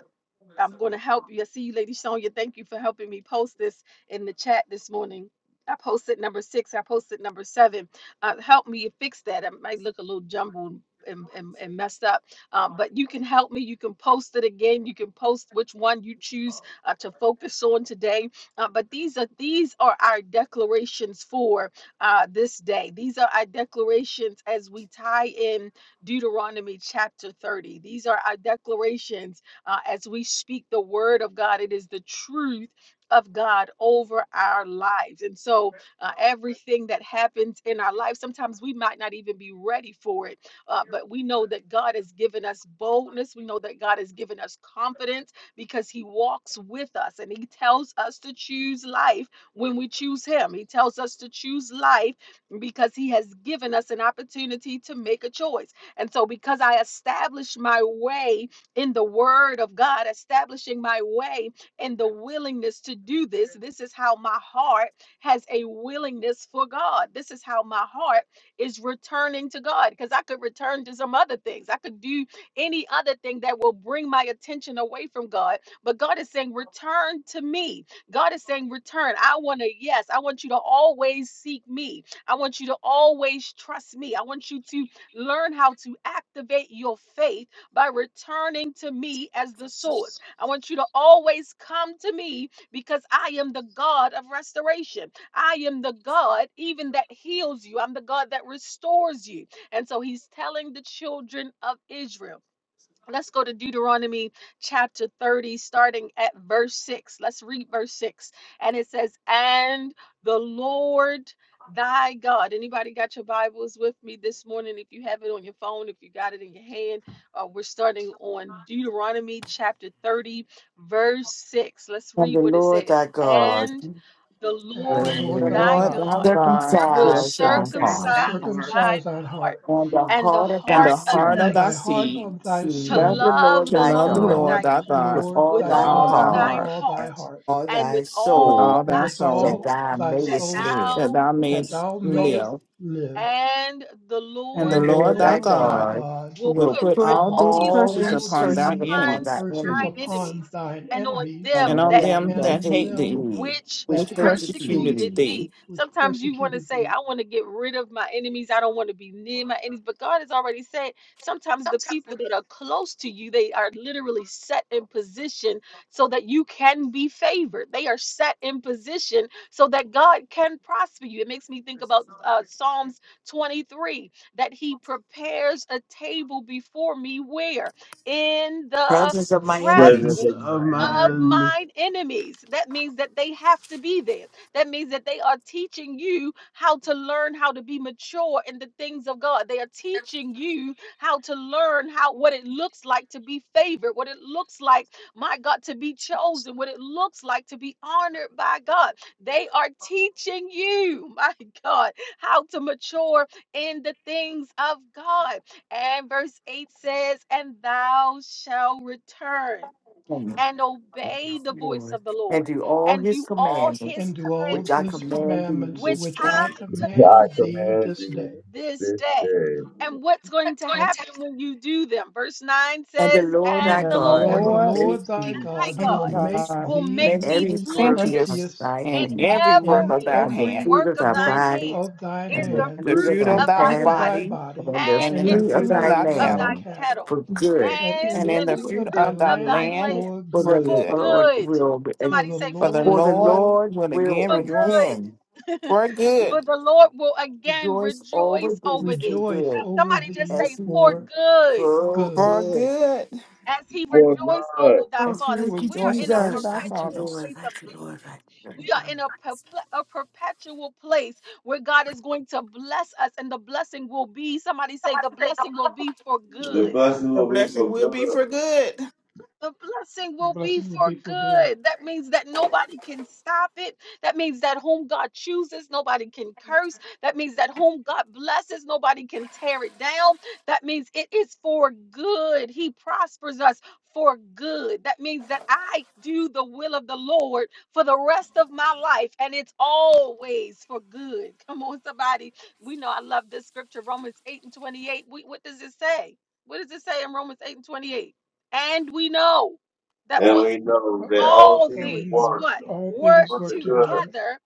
Speaker 1: I'm going to help you. I see you, Lady Sonya. Thank you for helping me post this in the chat this morning. I posted number six. I posted number seven. Uh, help me fix that. It might look a little jumbled and, and, and messed up, um, but you can help me. You can post it again. You can post which one you choose uh, to focus on today. Uh, but these are these are our declarations for uh, this day. These are our declarations as we tie in Deuteronomy chapter 30. These are our declarations uh, as we speak the word of God. It is the truth of God over our lives. And so uh, everything that happens in our life, sometimes we might not even be ready for it, uh, but we know that God has given us boldness. We know that God has given us confidence because He walks with us and He tells us to choose life when we choose Him. He tells us to choose life because He has given us an opportunity to make a choice. And so, because I established my way in the word of God, establishing my way and the willingness to do this. This is how my heart has a willingness for God. This is how my heart is returning to God because I could return to some other things. I could do any other thing that will bring my attention away from God. But God is saying, Return to me. God is saying, Return. I want to, yes, I want you to always seek me. I want you to always trust me. I want you to learn how to activate your faith by returning to me as the source. I want you to always come to me because I am the God of restoration. I am the God even that heals you. I'm the God that restores you. And so he's telling the children of Israel Let's go to Deuteronomy chapter 30, starting at verse 6. Let's read verse 6. And it says, And the Lord thy God. Anybody got your Bibles with me this morning? If you have it on your phone, if you got it in your hand, uh, we're starting on Deuteronomy chapter 30, verse 6. Let's
Speaker 5: And
Speaker 1: read
Speaker 5: the
Speaker 1: what it
Speaker 5: Lord
Speaker 1: says.
Speaker 5: thy God
Speaker 1: And the Lord
Speaker 4: The
Speaker 5: will
Speaker 1: thy
Speaker 4: Lord thy
Speaker 1: God
Speaker 4: God
Speaker 1: will
Speaker 4: will
Speaker 5: circumcise thy
Speaker 4: circumcise
Speaker 5: heart
Speaker 4: thy
Speaker 1: circumcise
Speaker 4: heart
Speaker 1: thine heart
Speaker 5: and the
Speaker 1: and the
Speaker 5: heart of
Speaker 4: and
Speaker 5: thy
Speaker 1: heart
Speaker 4: the
Speaker 1: of
Speaker 4: heart
Speaker 1: thy
Speaker 4: of thy
Speaker 5: seeds
Speaker 1: seed
Speaker 5: to
Speaker 4: seeds
Speaker 1: to
Speaker 5: love the Lord
Speaker 1: love
Speaker 4: to
Speaker 1: the
Speaker 5: thy
Speaker 4: love the
Speaker 1: Lord
Speaker 5: God
Speaker 4: Lord
Speaker 1: thy
Speaker 4: thy
Speaker 1: God
Speaker 4: God
Speaker 5: with all
Speaker 1: with
Speaker 4: with
Speaker 5: thy
Speaker 4: all
Speaker 1: all
Speaker 4: thy
Speaker 5: heart
Speaker 1: thine
Speaker 4: heart
Speaker 1: heart
Speaker 5: and all
Speaker 1: and
Speaker 5: thy
Speaker 1: with
Speaker 4: and with
Speaker 5: soul
Speaker 1: all
Speaker 4: all thy
Speaker 1: thy
Speaker 4: soul,
Speaker 5: that
Speaker 1: soul,
Speaker 5: thou
Speaker 1: that
Speaker 5: mayest live.
Speaker 4: that
Speaker 1: thou
Speaker 4: thou
Speaker 5: The
Speaker 4: mayest
Speaker 1: mayest live.
Speaker 4: live.
Speaker 1: And the
Speaker 4: And the
Speaker 1: Lord
Speaker 5: Lord
Speaker 4: Lord thy
Speaker 1: thy
Speaker 5: thy
Speaker 4: God
Speaker 1: God
Speaker 5: God
Speaker 1: will
Speaker 4: will
Speaker 5: will
Speaker 1: put
Speaker 4: put
Speaker 5: put
Speaker 4: all
Speaker 1: all
Speaker 4: these
Speaker 1: these
Speaker 5: all
Speaker 4: curses
Speaker 5: these
Speaker 4: upon
Speaker 1: curses
Speaker 4: thy
Speaker 5: curses
Speaker 1: upon
Speaker 5: upon thy
Speaker 4: enemies
Speaker 1: thine
Speaker 5: enemies
Speaker 1: enemies, and on
Speaker 5: and
Speaker 1: them
Speaker 4: and
Speaker 5: on
Speaker 4: on
Speaker 1: that hate
Speaker 5: them
Speaker 4: them
Speaker 5: that
Speaker 4: that
Speaker 1: thee,
Speaker 4: hate
Speaker 5: hate
Speaker 4: thee,
Speaker 5: thee,
Speaker 1: which
Speaker 5: which
Speaker 4: which
Speaker 5: persecute
Speaker 4: persecuted
Speaker 1: persecuted
Speaker 5: thee.
Speaker 4: thee
Speaker 1: thee. Sometimes you want to say, I want to get rid of my enemies. I don't want to be near my enemies. But God has already said sometimes the people that are close to you, they are literally set in position so that you can be favored. They are set in position so that God can prosper you. It makes me think about uh, Psalms 23 that He prepares a table before me where? In the
Speaker 5: Presence of my
Speaker 10: Presence
Speaker 5: enemies,
Speaker 11: presence
Speaker 10: of
Speaker 1: presence
Speaker 10: my
Speaker 11: of my
Speaker 1: of
Speaker 10: enemies.
Speaker 11: enemy,
Speaker 1: mine enemies. That means that they have to be there. That means that they are teaching you how to learn how to be mature in the things of God. They are teaching you how to learn how what it looks like to be favored, what it looks like, my God, to be chosen, what it looks like to be honored by God. They are teaching you, my God, how to mature in the things of God. And verse 8 says, And thou shalt return
Speaker 5: come,
Speaker 1: and obey the voice
Speaker 5: Lord,
Speaker 1: of the
Speaker 5: and
Speaker 1: Lord
Speaker 5: do all
Speaker 1: and
Speaker 5: his
Speaker 1: do all his
Speaker 5: commandments, which I
Speaker 1: commandments,
Speaker 5: command thee
Speaker 1: which
Speaker 5: this
Speaker 1: I
Speaker 5: day.
Speaker 10: I
Speaker 1: command
Speaker 10: command
Speaker 1: thee
Speaker 10: thee
Speaker 1: this
Speaker 10: this
Speaker 1: day.
Speaker 10: day.
Speaker 1: And what's going to happen when you do them? Verse 9
Speaker 5: And the
Speaker 1: says,
Speaker 5: Lord
Speaker 4: And
Speaker 5: thy
Speaker 1: And
Speaker 4: the
Speaker 1: the
Speaker 5: God
Speaker 1: Lord
Speaker 5: will
Speaker 4: Lord
Speaker 5: make thee
Speaker 1: thy
Speaker 4: our
Speaker 1: God
Speaker 5: plenteous
Speaker 4: God
Speaker 1: will
Speaker 4: will
Speaker 5: in
Speaker 1: make
Speaker 4: make
Speaker 1: thee
Speaker 4: thee
Speaker 5: every work of
Speaker 4: plenteous
Speaker 1: plenteous
Speaker 5: thy
Speaker 1: in
Speaker 4: in
Speaker 5: hand,
Speaker 4: every work of thy
Speaker 1: every
Speaker 5: and the
Speaker 4: hand,
Speaker 5: fruit
Speaker 1: work
Speaker 5: of
Speaker 1: of
Speaker 5: thy
Speaker 1: thine
Speaker 5: body,
Speaker 1: hand,
Speaker 5: and
Speaker 1: in
Speaker 5: the
Speaker 1: the
Speaker 4: in the
Speaker 5: fruit
Speaker 1: fruit
Speaker 5: of
Speaker 4: fruit
Speaker 5: thy
Speaker 4: of
Speaker 1: of
Speaker 4: thy
Speaker 1: thy
Speaker 5: cattle,
Speaker 1: body,
Speaker 4: body,
Speaker 5: and the
Speaker 1: and
Speaker 4: and in
Speaker 1: in
Speaker 4: the
Speaker 5: fruit of
Speaker 1: the
Speaker 4: fruit of
Speaker 5: thy
Speaker 4: thy
Speaker 1: fruit of thy
Speaker 4: cattle,
Speaker 5: land,
Speaker 1: cattle,
Speaker 5: for good.
Speaker 1: and
Speaker 4: and in
Speaker 1: in
Speaker 4: the
Speaker 1: the
Speaker 4: fruit
Speaker 1: fruit
Speaker 4: of thy
Speaker 1: of thy
Speaker 4: land
Speaker 1: land,
Speaker 5: For
Speaker 4: for
Speaker 5: the
Speaker 1: for
Speaker 4: good.
Speaker 5: Lord
Speaker 1: good.
Speaker 5: will
Speaker 1: Somebody say,
Speaker 4: For
Speaker 1: for
Speaker 4: the
Speaker 5: For
Speaker 1: good.
Speaker 5: the
Speaker 4: Lord
Speaker 5: Lord
Speaker 4: will
Speaker 5: will
Speaker 4: again
Speaker 1: For good.
Speaker 4: rejoice
Speaker 5: again
Speaker 4: for good
Speaker 1: For the Lord will again
Speaker 5: rejoice over
Speaker 1: rejoice
Speaker 5: thee
Speaker 1: over
Speaker 5: for
Speaker 1: thee.
Speaker 5: good
Speaker 1: Somebody just
Speaker 5: as
Speaker 1: say,
Speaker 5: he
Speaker 1: for
Speaker 5: be
Speaker 1: good
Speaker 5: for
Speaker 4: for
Speaker 5: good.
Speaker 4: good,
Speaker 1: as he
Speaker 10: For
Speaker 1: rejoiced over
Speaker 10: good.
Speaker 1: thy
Speaker 4: as
Speaker 5: Oh,
Speaker 4: he
Speaker 1: fathers.
Speaker 5: thank you,
Speaker 1: We are
Speaker 4: rejoices
Speaker 1: in a
Speaker 4: over
Speaker 5: Jesus.
Speaker 4: thy
Speaker 5: Thank you,
Speaker 1: perpetual
Speaker 4: fathers.
Speaker 5: Lord.
Speaker 1: place of
Speaker 5: Thank you, Lord.
Speaker 1: blessings.
Speaker 5: Thank
Speaker 1: We
Speaker 5: you,
Speaker 1: are
Speaker 5: Lord.
Speaker 1: in a, perple- a perpetual place where God is going to bless us, and the blessing will be somebody say, the blessing will be for
Speaker 10: The
Speaker 1: good
Speaker 10: blessing
Speaker 4: The
Speaker 10: will be
Speaker 4: blessing
Speaker 10: for
Speaker 4: will be
Speaker 10: good.
Speaker 4: for good.
Speaker 1: the blessing will be for good. That means that nobody can stop it. That means that whom God chooses, nobody can curse. That means that whom God blesses, nobody can tear it down. That means it is for good. He prospers us for good. That means that I do the will of the Lord for the rest of my life, and it's always for good. Come on, somebody. We know I love this scripture, Romans 8 and 28. We, what does it say? What does it say in Romans 8 and 28? And we know that
Speaker 10: And
Speaker 1: what
Speaker 10: we know that all
Speaker 1: all
Speaker 10: things
Speaker 1: things
Speaker 10: work
Speaker 1: what work
Speaker 10: for the good
Speaker 1: together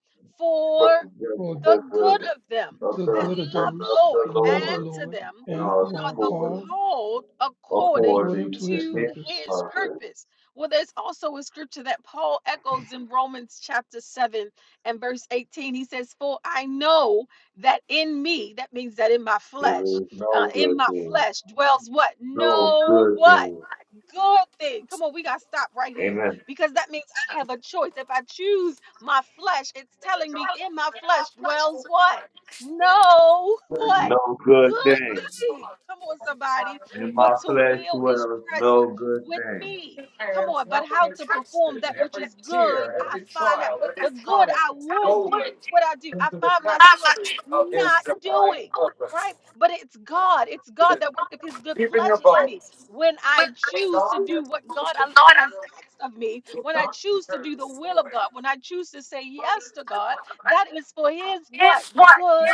Speaker 10: but
Speaker 1: for
Speaker 10: the
Speaker 1: the
Speaker 10: the, the
Speaker 1: good of them
Speaker 10: of
Speaker 1: that
Speaker 10: the, the
Speaker 1: love the
Speaker 10: of
Speaker 1: Lord
Speaker 10: the Lord
Speaker 1: and to them
Speaker 10: and all the
Speaker 1: are the
Speaker 10: poor
Speaker 1: called according
Speaker 10: according to
Speaker 1: to
Speaker 10: his
Speaker 1: his
Speaker 10: purpose.
Speaker 1: purpose. Well, there's also a scripture that Paul echoes in Romans chapter 7 and verse 18. He says, For I know that in me, that means that in my
Speaker 10: There
Speaker 1: flesh,
Speaker 10: is
Speaker 1: uh,
Speaker 10: no
Speaker 1: in
Speaker 10: good
Speaker 1: my
Speaker 10: thing.
Speaker 1: flesh dwells what?
Speaker 10: No
Speaker 1: No
Speaker 10: good
Speaker 1: what?
Speaker 10: thing.
Speaker 1: good thing. Come on, we got to stop right here
Speaker 10: Amen.
Speaker 1: because that means I have a choice. If I choose my flesh, it's telling me in my flesh dwells what? No, what?
Speaker 10: No good
Speaker 1: Good
Speaker 10: thing.
Speaker 1: thing. Come on, somebody.
Speaker 10: In
Speaker 1: For
Speaker 10: my
Speaker 1: to
Speaker 10: flesh
Speaker 1: will is
Speaker 10: dwells
Speaker 1: present
Speaker 10: no good
Speaker 1: with
Speaker 10: thing.
Speaker 1: me. Come on, but how to perform that which is good, I find out the good I would do, what I do, I find myself not doing, right? But it's God, it's God that worketh his good pleasure in me when I choose to do what God al- has asked of me, when I choose to do the will of God, when I choose to say yes to God, that is for His what? Good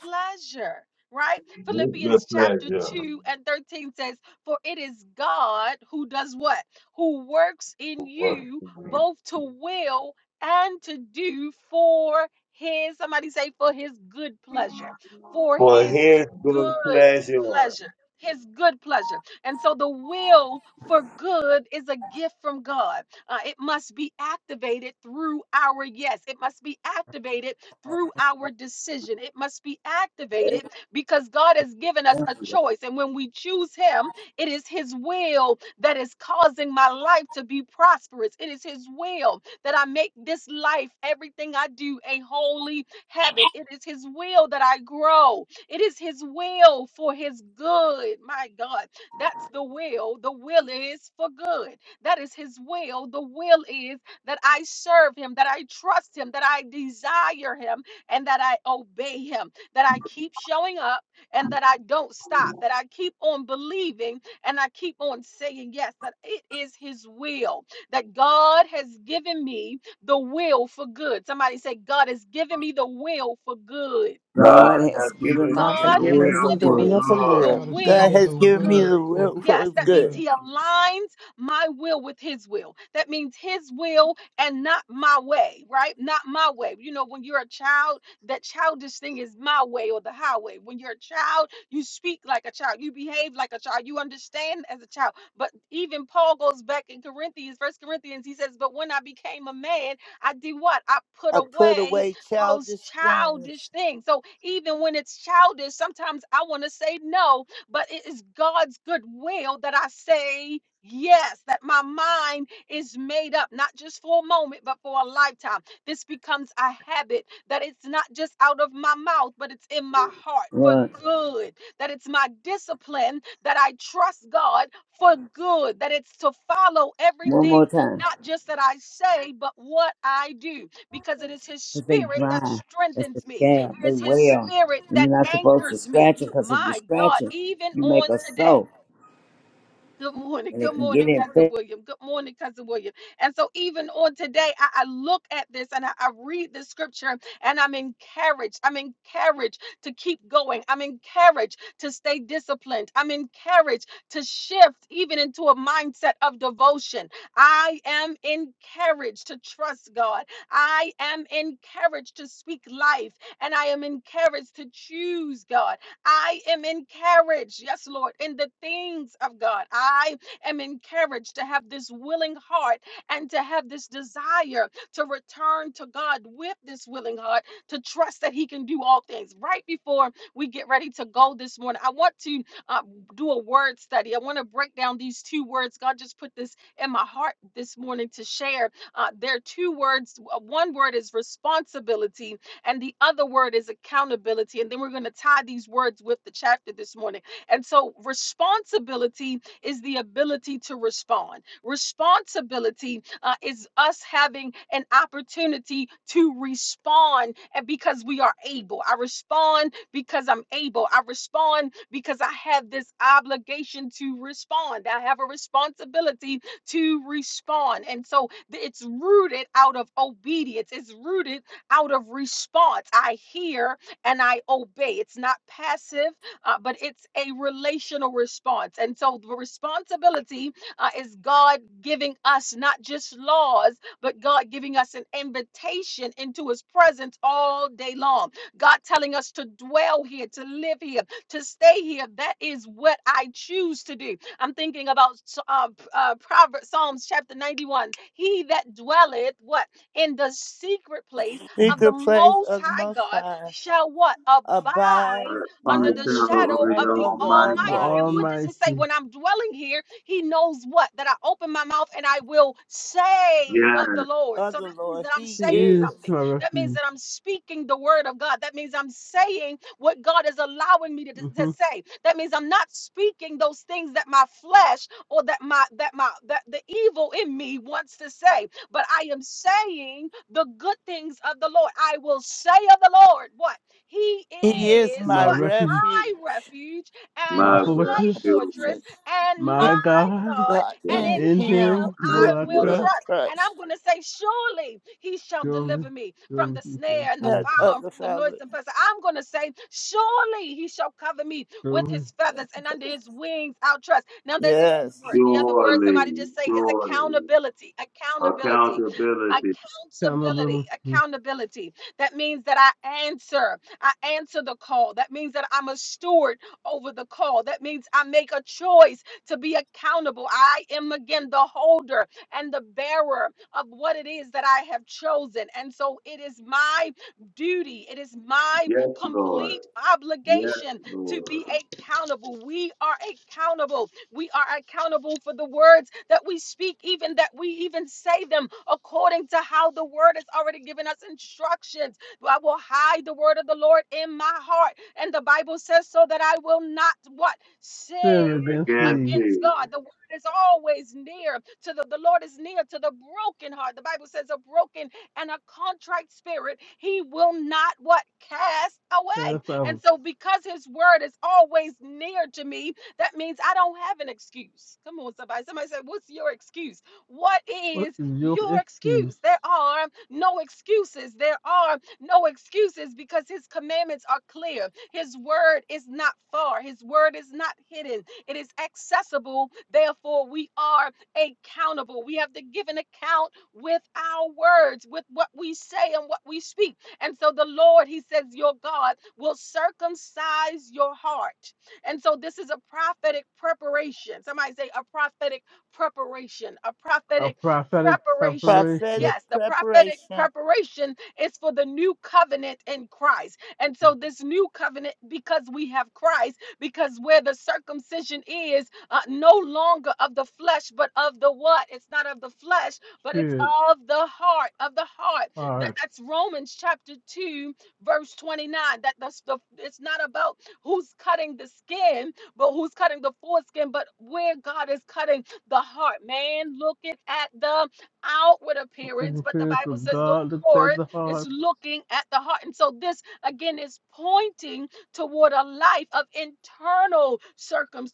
Speaker 1: pleasure, right?
Speaker 10: His good
Speaker 1: Philippians chapter
Speaker 10: pleasure.
Speaker 1: 2 and 13 says, For it is God who does what? Who works in
Speaker 10: For
Speaker 1: you both to will and to do for his, somebody say, for his good pleasure, for his
Speaker 10: his
Speaker 1: good
Speaker 10: good pleasure.
Speaker 1: pleasure. His good pleasure. And so the will for good is a gift from God. Uh, it must be activated through our yes. It must be activated through our decision. It must be activated because God has given us a choice. And when we choose Him, it is His will that is causing my life to be prosperous. It is His will that I make this life, everything I do, a holy habit. It is His will that I grow. It is His will for His good. My God, that's the will. The will is for good. That is His will. The will is that I serve Him, that I trust Him, that I desire Him, and that I obey Him, that I keep showing up and that I don't stop, that I keep on believing and I keep on saying yes, that it is His will, that God has given me the will for good. Somebody say, God has given me the will for good.
Speaker 10: God
Speaker 12: God
Speaker 10: has
Speaker 12: has
Speaker 10: given
Speaker 12: given them
Speaker 4: I'm
Speaker 10: me
Speaker 12: the
Speaker 1: God
Speaker 10: the
Speaker 12: will
Speaker 4: forgiving
Speaker 12: for
Speaker 10: will
Speaker 4: you
Speaker 1: has
Speaker 4: the
Speaker 1: given
Speaker 10: for
Speaker 12: good.
Speaker 4: will
Speaker 1: me
Speaker 4: for
Speaker 10: good.
Speaker 1: the
Speaker 4: good.
Speaker 9: God
Speaker 1: will
Speaker 9: has
Speaker 1: for
Speaker 9: given me
Speaker 1: good.
Speaker 9: the will for
Speaker 1: Yes,
Speaker 9: his
Speaker 1: that means
Speaker 9: good.
Speaker 1: he aligns my will with his will. That means his will and not my way, right? Not my way. You know, when you're a child, that childish thing is my way or the highway. When you're a child, you speak like a child, you behave like a child, you understand as a child. But even Paul goes back in Corinthians, First Corinthians, he says, But when I became a man, I did what? I put
Speaker 9: I put
Speaker 1: away
Speaker 9: away
Speaker 1: those
Speaker 9: childish things,
Speaker 1: childish things. So even when it's childish, sometimes I want to say no, but it is God's good will that I say yes, that my mind is made up, not just for a moment, but for a lifetime. This becomes a habit that it's not just out of my mouth, but it's in my heart for
Speaker 12: Run
Speaker 1: good, that it's my discipline, that I trust God for good, that it's to follow
Speaker 12: one
Speaker 1: everything,
Speaker 12: more time
Speaker 1: not just that I say, but what I do because it is His
Speaker 12: because they
Speaker 1: Spirit that
Speaker 12: dry. That's the
Speaker 1: strengthens me.
Speaker 12: scab.
Speaker 1: It
Speaker 12: They
Speaker 1: is His
Speaker 12: wail.
Speaker 1: Spirit
Speaker 12: And
Speaker 1: that
Speaker 12: you're not supposed to
Speaker 1: anchors me.
Speaker 12: scratch it because if you
Speaker 1: My God,
Speaker 12: scratch it,
Speaker 1: even
Speaker 12: you make
Speaker 1: on
Speaker 12: a
Speaker 1: today.
Speaker 12: soap
Speaker 1: Good morning.
Speaker 12: and it
Speaker 1: Good
Speaker 12: can
Speaker 1: morning,
Speaker 12: get
Speaker 1: Cousin
Speaker 12: infected.
Speaker 1: William. Good morning, Cousin William. And so, even on today, I, I look at this and I, I read the scripture and I'm encouraged. I'm encouraged to keep going. I'm encouraged to stay disciplined. I'm encouraged to shift even into a mindset of devotion. I am encouraged to trust God. I am encouraged to speak life and I am encouraged to choose God. I am encouraged, yes, Lord, in the things of God. I am encouraged to have this willing heart and to have this desire to return to God with this willing heart to trust that He can do all things. Right before we get ready to go this morning, I want to uh, do a word study. I want to break down these two words. God just put this in my heart this morning to share. Uh, there are two words. Uh, One word is responsibility, and the other word is accountability. And then we're going to tie these words with the chapter this morning. And so responsibility is the ability to respond. Responsibility uh, is us having an opportunity to respond and because we are able. I respond because I'm able. I respond because I have this obligation to respond. I have a responsibility to respond. And so th- it's rooted out of obedience. It's rooted out of response. I hear and I obey. It's not passive, uh, but it's a relational response. And so the responsibility uh, is God giving us not just laws, but God giving us an invitation into his presence all day long. God telling us to dwell here, to live here, to stay here. That is what I choose to do. I'm thinking about uh, uh, Proverbs, Psalms chapter 91. He that dwelleth, what? In the secret place of the
Speaker 9: secret place
Speaker 1: Most
Speaker 9: of the
Speaker 1: High
Speaker 9: Most
Speaker 1: God
Speaker 9: High,
Speaker 1: shall what? Abide
Speaker 9: abide
Speaker 10: From
Speaker 1: under
Speaker 10: the
Speaker 1: the
Speaker 9: under his
Speaker 10: of
Speaker 1: shadow
Speaker 9: shadow
Speaker 1: of
Speaker 10: your
Speaker 1: the
Speaker 9: of
Speaker 10: own
Speaker 9: the
Speaker 10: mind.
Speaker 11: of the
Speaker 1: Almighty. And
Speaker 9: Almighty,
Speaker 1: what does he say?
Speaker 11: Almighty.
Speaker 1: When I'm dwelling here, he knows what? That I open my mouth and I will say
Speaker 10: Yes.
Speaker 1: of the Lord.
Speaker 9: of
Speaker 1: So
Speaker 9: the
Speaker 1: that means
Speaker 9: Lord.
Speaker 1: that I'm
Speaker 9: He
Speaker 11: He
Speaker 1: saying
Speaker 11: is
Speaker 9: is.
Speaker 1: something.
Speaker 11: my
Speaker 1: That means
Speaker 11: refuge,
Speaker 1: that I'm speaking the word of God. That means I'm saying what God is allowing me to, to
Speaker 11: Mhm.
Speaker 1: say. That means I'm not speaking those things that my flesh or that my that my that the evil in me wants to say but I am saying the good things of the Lord. I will say of the Lord what? He
Speaker 9: He is
Speaker 1: is
Speaker 9: my
Speaker 11: my
Speaker 1: what?
Speaker 9: refuge.
Speaker 11: refuge,
Speaker 1: My refuge and
Speaker 11: my
Speaker 9: My,
Speaker 10: my
Speaker 9: my
Speaker 1: my
Speaker 11: fortress,
Speaker 10: refuge,
Speaker 1: fortress
Speaker 9: just
Speaker 1: and
Speaker 9: in,
Speaker 1: my
Speaker 11: my God.
Speaker 1: God,
Speaker 9: God,
Speaker 10: that
Speaker 1: and
Speaker 9: in
Speaker 1: in
Speaker 11: In
Speaker 1: him
Speaker 9: him
Speaker 11: Him
Speaker 10: I
Speaker 11: will
Speaker 1: I
Speaker 9: will
Speaker 11: I
Speaker 1: will
Speaker 10: will
Speaker 9: will
Speaker 11: trust.
Speaker 1: trust. And
Speaker 9: trust.
Speaker 1: I'm going to say, Surely he shall
Speaker 11: Surely,
Speaker 1: deliver me from
Speaker 11: surely
Speaker 1: the
Speaker 11: He shall
Speaker 1: snare and the
Speaker 9: That
Speaker 11: bring me.
Speaker 1: follow and
Speaker 9: other
Speaker 1: from the
Speaker 9: fellow.
Speaker 1: noise and pestilence. I'm going to say, Surely he shall cover me with
Speaker 11: Surely,
Speaker 1: his feathers and under his wings I'll trust. Now, there's another
Speaker 9: Yes.
Speaker 1: word. The other word
Speaker 10: surely,
Speaker 1: somebody just say is
Speaker 10: surely.
Speaker 1: accountability. Accountability.
Speaker 10: Accountability,
Speaker 1: Accountability,
Speaker 11: accountability.
Speaker 1: accountability. That means that I answer. I answer the call. That means that I'm a steward over the call. That means I make a choice to be accountable. I am again the holder and the bearer of what it is that I have chosen. And so it is my duty, it is my
Speaker 10: yes, Lord,
Speaker 1: complete
Speaker 10: yes,
Speaker 1: obligation to
Speaker 10: Lord.
Speaker 1: be accountable. We are accountable. We are accountable for the words that we speak, even that we even say them according to how the word has already given us instructions. I will hide the word of the Lord in my heart. And the Bible says so that I will not what? Sin
Speaker 11: Sin against
Speaker 10: Against
Speaker 11: Thee,
Speaker 10: thee
Speaker 1: against
Speaker 10: is
Speaker 1: God. The word is always near to the, the Lord is near to the broken heart. The Bible says a broken and a contrite spirit, he will not what cast away.
Speaker 11: cast out.
Speaker 1: And so because his word is always near to me, that means I don't have an excuse. Come on, somebody. Somebody said, What's your excuse? What
Speaker 11: What
Speaker 1: is
Speaker 11: is your
Speaker 1: your
Speaker 11: excuse?
Speaker 1: excuse? There are no excuses. There are no excuses because his commandments are clear. His word is not far, His word is not hidden. It is accessible. Therefore, we are accountable. We have to give an account with our words, with what we say and what we speak. And so the Lord, He says, Your God will circumcise your heart. And so this is a prophetic preparation. Somebody say, A prophetic preparation, a
Speaker 11: A
Speaker 1: prophetic
Speaker 11: prophetic
Speaker 1: preparation.
Speaker 11: preparation,
Speaker 9: Prophetic
Speaker 1: Yes, the prophetic
Speaker 9: preparation
Speaker 1: preparation is for the new covenant in Christ. And so, this new covenant, because we have Christ, because where the circumcision is, uh, no longer of the flesh, but of the what? It's not of the flesh, but it's
Speaker 11: spirit,
Speaker 1: of the heart, of the heart. That,
Speaker 11: hearts.
Speaker 1: that's Romans chapter 2, verse 29. That that's the it's not about who's cutting the skin, but who's cutting the foreskin, but where God is cutting the heart. Man looking at the outward appearance, but the
Speaker 11: Overpairs
Speaker 1: Bible
Speaker 11: with
Speaker 1: says the
Speaker 11: God looks at
Speaker 1: Lord
Speaker 11: the
Speaker 1: is
Speaker 11: heart
Speaker 1: looking at the heart. And so this again is pointing toward a life of internal circum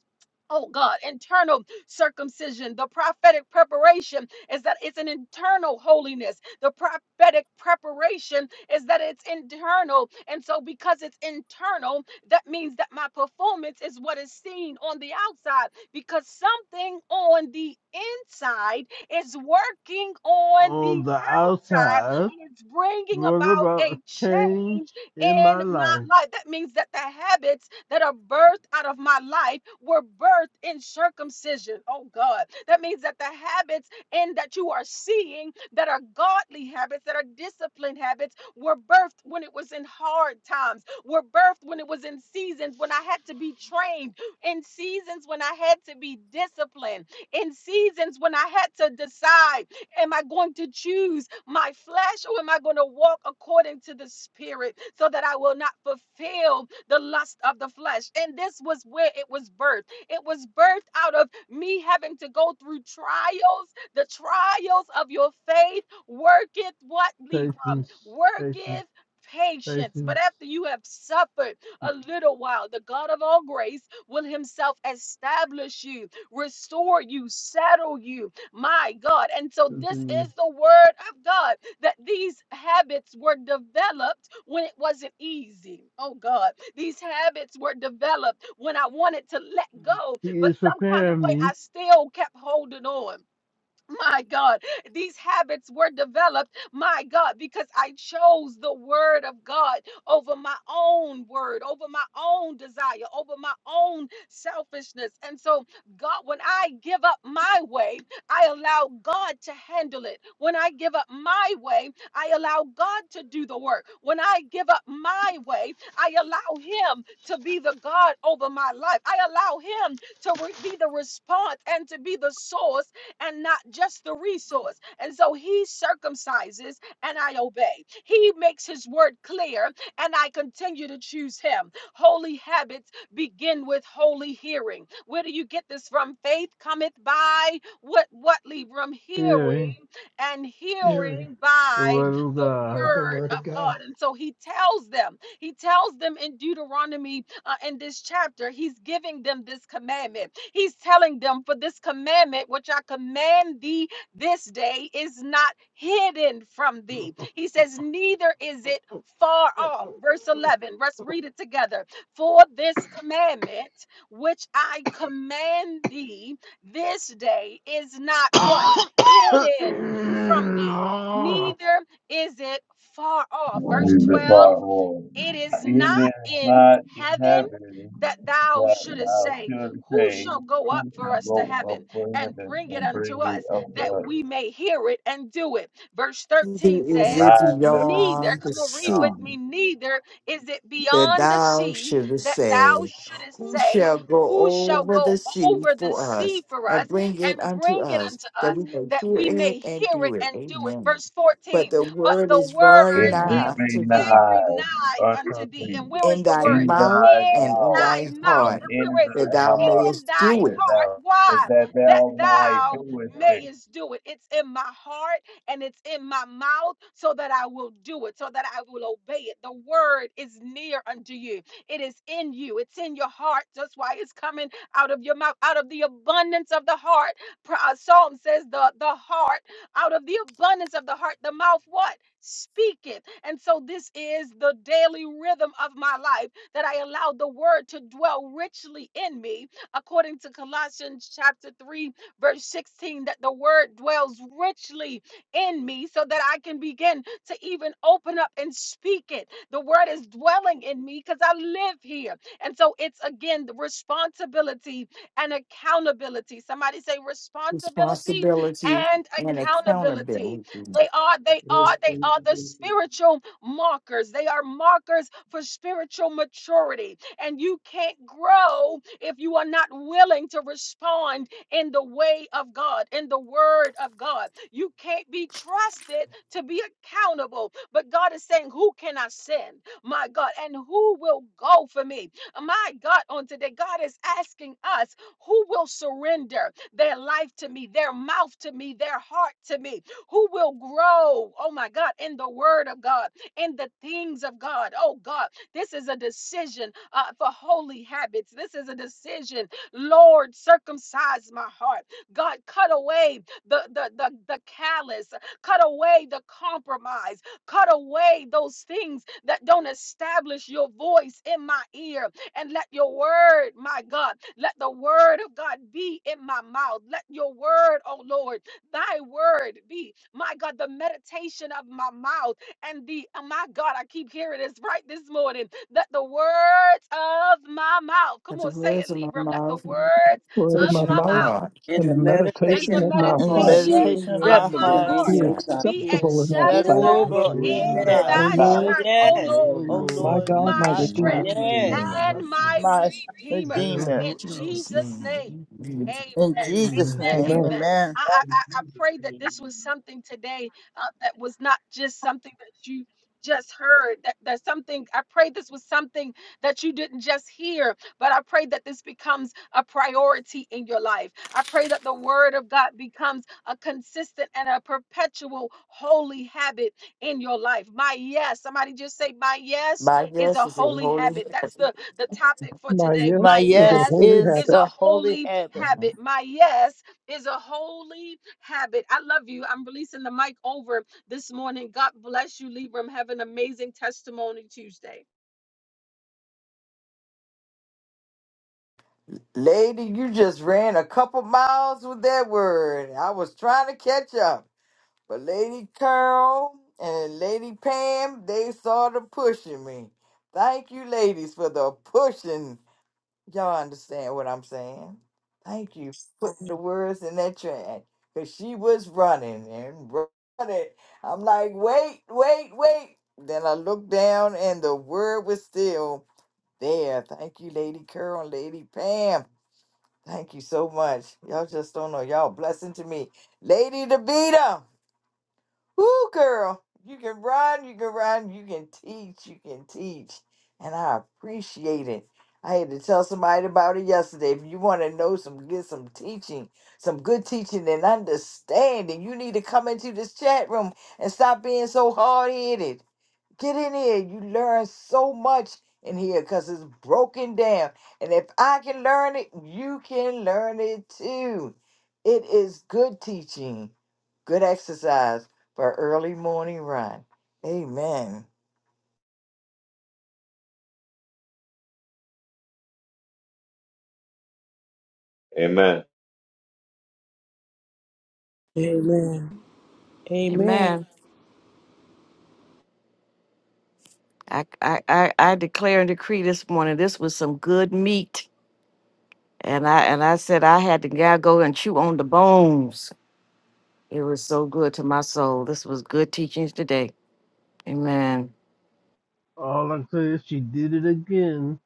Speaker 1: oh God, internal circumcision. The prophetic preparation is that it's an internal holiness. The prophetic preparation is that it's internal. And so, because it's internal, that means that my performance is what is seen on the outside because something on the inside is working on the
Speaker 11: on the
Speaker 1: outside
Speaker 11: outside.
Speaker 1: and it's bringing
Speaker 11: What
Speaker 1: about
Speaker 11: about
Speaker 1: a
Speaker 11: a change
Speaker 1: change
Speaker 11: in
Speaker 1: in
Speaker 11: my
Speaker 1: my
Speaker 11: life.
Speaker 1: life. That means that the habits that are birthed out of my life were birthed in circumcision. Oh God. That means that the habits in that you are seeing that are godly habits, that are disciplined habits, were birthed when it was in hard times, were birthed when it was in seasons when I had to be trained, in seasons when I had to be disciplined, in seasons when I had to decide. Am I going to choose my flesh or am I going to walk according to the spirit so that I will not fulfill the lust of the flesh? And this was where it was birthed. It was birthed out of me having to go through trials. The trials of your faith worketh what, Libram?
Speaker 11: Patience, patience,
Speaker 1: Worketh patience. But
Speaker 11: patience.
Speaker 1: after you have suffered a little while, the God of all grace will himself establish you, restore you, settle you, my God. And so this
Speaker 11: Continue.
Speaker 1: is the word of God that these habits were developed when it wasn't easy. Oh God. These habits were developed when I wanted to let go,
Speaker 11: He
Speaker 1: but
Speaker 11: is
Speaker 1: some kind of
Speaker 11: preparing
Speaker 1: way
Speaker 11: me,
Speaker 1: I still kept holding on. My God, these habits were developed, my God, because I chose the word of God over my own word, over my own desire, over my own selfishness. And so, God, when I give up my way, I allow God to handle it. When I give up my way, I allow God to do the work. When I give up my way, I allow Him to be the God over my life. I allow Him to re- be the response and to be the source and not just the resource. And so he circumcises and I obey. He makes his word clear and I continue to choose him. Holy habits begin with holy hearing. Where do you get this from? Faith cometh by what what Lee? from hearing
Speaker 11: hearing
Speaker 1: and hearing
Speaker 11: the
Speaker 1: by
Speaker 11: word of
Speaker 1: the
Speaker 11: God.
Speaker 1: word of God. And so he tells them he tells them in Deuteronomy uh, in this chapter, he's giving them this commandment. He's telling them, For this commandment which I command thee this day is not hidden from thee. He says, Neither is it far off. Verse 11, let's read it together. For this commandment which I command thee this day is not what? Hidden from thee, neither is it far off. Verse
Speaker 10: the
Speaker 1: 12
Speaker 10: far power.
Speaker 1: it is
Speaker 10: It
Speaker 1: not
Speaker 10: is
Speaker 1: in
Speaker 10: not in
Speaker 1: heaven
Speaker 10: heaven
Speaker 1: that thou
Speaker 10: that
Speaker 1: shouldest
Speaker 10: thou
Speaker 1: say,
Speaker 10: should
Speaker 1: Who
Speaker 10: say,
Speaker 1: shall go up
Speaker 10: Who can
Speaker 1: for us to
Speaker 10: go up
Speaker 1: heaven
Speaker 10: for
Speaker 1: and
Speaker 10: heaven
Speaker 1: bring it
Speaker 10: and bring
Speaker 1: unto us
Speaker 10: it up to
Speaker 1: that
Speaker 10: us?
Speaker 1: we may hear it and do it? Verse
Speaker 5: Neither
Speaker 1: 13
Speaker 5: is
Speaker 1: says,
Speaker 5: it
Speaker 10: Neither.
Speaker 1: Neither,
Speaker 5: beyond the
Speaker 1: come on, read with
Speaker 5: sea
Speaker 1: me, neither is it
Speaker 5: that
Speaker 1: beyond the
Speaker 5: thou
Speaker 1: sea
Speaker 5: shouldest
Speaker 1: that
Speaker 5: say,
Speaker 1: thou shouldest
Speaker 5: Who
Speaker 1: say,
Speaker 5: shall go
Speaker 1: Who shall
Speaker 5: over the
Speaker 1: go
Speaker 5: sea
Speaker 1: over the
Speaker 5: for
Speaker 1: sea
Speaker 5: us
Speaker 1: for us
Speaker 5: and bring it
Speaker 1: and
Speaker 5: unto
Speaker 1: bring it
Speaker 5: us,
Speaker 1: unto
Speaker 5: that
Speaker 1: us
Speaker 5: we may
Speaker 1: that
Speaker 5: hear
Speaker 1: we may
Speaker 5: it and
Speaker 1: hear
Speaker 5: do
Speaker 1: it
Speaker 5: it?
Speaker 1: and do it?
Speaker 5: Amen.
Speaker 1: Verse
Speaker 5: But
Speaker 1: 14,
Speaker 5: the
Speaker 1: but
Speaker 5: word
Speaker 1: the
Speaker 5: is very
Speaker 10: is
Speaker 1: word
Speaker 5: nigh
Speaker 10: very
Speaker 1: is
Speaker 5: to thee,
Speaker 10: nigh
Speaker 1: every nigh
Speaker 10: unto
Speaker 1: unto thee.
Speaker 10: thee,
Speaker 1: And where is
Speaker 5: in
Speaker 1: the
Speaker 5: thy
Speaker 1: word?
Speaker 10: in
Speaker 5: mouth
Speaker 10: thy
Speaker 1: In
Speaker 5: and in
Speaker 10: mouth
Speaker 1: thy
Speaker 5: thy
Speaker 1: mouth.
Speaker 10: and
Speaker 5: heart,
Speaker 1: And
Speaker 10: in
Speaker 1: where is it?
Speaker 5: that
Speaker 10: thy
Speaker 5: thou
Speaker 10: heart,
Speaker 1: in
Speaker 5: mayest do
Speaker 1: thy
Speaker 10: and
Speaker 5: it.
Speaker 1: heart.
Speaker 10: thou,
Speaker 1: Why?
Speaker 10: that
Speaker 1: That
Speaker 10: thou might
Speaker 1: thou
Speaker 10: do it good
Speaker 1: mayest do it. It's in my heart and it's in my mouth so that I will do it, so that I will obey it. The word is near unto you, it is in you, it's in your heart. That's why it's coming out of your mouth, out of the abundance of the heart. Pro- uh, Psalm says, the, the heart, out of the abundance of the heart, the mouth what? Speaketh. And so this is the daily rhythm of my life that I allow the word to dwell richly in me according to Colossians chapter 3, verse 16, that the word dwells richly in me so that I can begin to even open up and speak it. The word is dwelling in me because I live here. And so it's again the responsibility and accountability. Somebody say responsibility
Speaker 5: Responsibility
Speaker 1: and
Speaker 5: and
Speaker 1: accountability.
Speaker 5: accountability.
Speaker 1: They are, they
Speaker 14: Grace
Speaker 1: are, they are the spiritual markers. They are markers for spiritual maturity and you can't grow if you are not willing to respond in the way of God, in the word of God. You can't be trusted to be accountable. But God is saying, Who can I send? My God, and who will go for me? My God, on today, God is asking us, Who will surrender their life to me, their mouth to me, their heart to me? Who will grow, oh my God, in the word of God, in the things of God? Oh God, this is a decision uh, for holy habits. This is a decision. Lord, circumcise my heart. God, cut away the, the, the, the callous, cut away the compromise, cut away those things that don't establish your voice in my ear. And let your word, my God, let the word of God be in my mouth. Let your word, oh Lord, thy word be, my God, the meditation of my mouth and the uh, my God, I keep hearing this right this morning. Let the words of my mouth, come
Speaker 5: At the
Speaker 1: on, say it,
Speaker 5: words of my
Speaker 1: Libram. Let the
Speaker 5: mouth and the
Speaker 1: words
Speaker 15: word of
Speaker 1: of
Speaker 15: my
Speaker 5: conversation of
Speaker 1: my
Speaker 5: my
Speaker 15: mouth
Speaker 1: mouth
Speaker 5: heart,
Speaker 12: In
Speaker 15: and
Speaker 12: the
Speaker 15: the
Speaker 1: and
Speaker 12: meditation
Speaker 15: meditation
Speaker 1: the
Speaker 12: of
Speaker 15: of my
Speaker 12: our
Speaker 9: in the
Speaker 12: heart,
Speaker 15: heart
Speaker 1: meditation
Speaker 5: accept
Speaker 12: be
Speaker 5: the
Speaker 9: meditation of
Speaker 1: of
Speaker 9: my
Speaker 5: word
Speaker 1: my
Speaker 5: of
Speaker 12: acceptable
Speaker 5: thy
Speaker 9: heart
Speaker 12: in
Speaker 1: heart
Speaker 15: be
Speaker 12: your
Speaker 5: sight.
Speaker 12: sight.
Speaker 1: be
Speaker 9: be
Speaker 15: acceptable in thy sight.
Speaker 12: Oh,
Speaker 1: acceptable
Speaker 11: That's
Speaker 12: glory.
Speaker 11: the
Speaker 9: acceptable in
Speaker 10: in
Speaker 1: in
Speaker 11: last
Speaker 9: thy
Speaker 10: thy
Speaker 15: O
Speaker 11: side.
Speaker 1: thy
Speaker 10: sight.
Speaker 15: Lord,
Speaker 12: Yes,
Speaker 9: sight,
Speaker 1: sight,
Speaker 5: The
Speaker 1: oh
Speaker 12: yes,
Speaker 1: Lord
Speaker 11: O
Speaker 5: word of
Speaker 9: O
Speaker 5: my
Speaker 15: my
Speaker 11: Lord,
Speaker 9: Lord,
Speaker 15: God,
Speaker 5: In
Speaker 15: my
Speaker 1: my
Speaker 9: my
Speaker 5: and my
Speaker 15: Redeemer.
Speaker 9: God,
Speaker 1: strength,
Speaker 11: I love
Speaker 12: yes.
Speaker 5: redeemer.
Speaker 11: my
Speaker 1: and my
Speaker 11: son.
Speaker 9: my
Speaker 1: redeemer.
Speaker 11: Him
Speaker 9: Redeemer.
Speaker 1: In
Speaker 11: who
Speaker 5: Jesus'
Speaker 1: Jesus'
Speaker 11: outruns.
Speaker 1: name.
Speaker 5: name. Amen.
Speaker 1: Amen.
Speaker 9: In Jesus'
Speaker 11: Amen.
Speaker 1: Amen.
Speaker 9: name,
Speaker 15: Amen.
Speaker 1: Amen.
Speaker 9: amen.
Speaker 1: I, I,
Speaker 14: in
Speaker 1: I I
Speaker 14: Jesus'
Speaker 1: pray that
Speaker 14: name.
Speaker 1: this was something today uh, that was not just something that you just heard that that something i pray this was something that you didn't just hear but i pray that this becomes a priority in your life i pray that the word of god becomes a consistent and a perpetual holy habit in your life my yes somebody just say my yes
Speaker 5: My
Speaker 1: is
Speaker 5: guess
Speaker 1: a
Speaker 5: is a
Speaker 1: holy
Speaker 5: holy
Speaker 1: habit.
Speaker 5: head.
Speaker 1: That's the, the topic for
Speaker 15: My
Speaker 1: today.
Speaker 15: yes
Speaker 9: My
Speaker 1: My
Speaker 14: Amen.
Speaker 15: is a
Speaker 9: yes
Speaker 1: yes
Speaker 15: holy
Speaker 9: is
Speaker 1: is
Speaker 15: habit.
Speaker 1: a
Speaker 9: a holy
Speaker 1: holy
Speaker 9: habit.
Speaker 1: habit. My yes is a holy habit. I love you. I'm releasing the mic over this morning. God bless you, Libram. Have an amazing testimony Tuesday.
Speaker 5: Lady, you just ran a couple miles with that word. I was trying to catch up. But Lady Carol and Lady Pam, they sort of pushing me. Thank you, ladies, for the pushing. Y'all understand what I'm saying? Thank you for putting the words in that track. Because she was running and running. I'm like, wait, wait, wait. Then I looked down and the word was still there. Thank you, Lady Carol and Lady Pam. Thank you so much. Y'all just don't know. Y'all blessing to me. Lady DeVita. Woo, girl, you can run, you can run, you can teach, you can teach. And I appreciate it. I had to tell somebody about it yesterday. If you want to know some, get some teaching, some good teaching and understanding, you need to come into this chat room and stop being so hard headed. Get in here. You learn so much in here because it's broken down. And if I can learn it, you can learn it too. It is good teaching, good exercise for early morning run. Amen.
Speaker 10: Amen.
Speaker 7: Amen. Amen.
Speaker 13: Amen. I, I, I, I declare and decree this morning this was some good meat. And I and I said I had to gotta go and chew on the bones. It was so good to my soul. This was good teachings today. Amen.
Speaker 11: All I say is she did it again.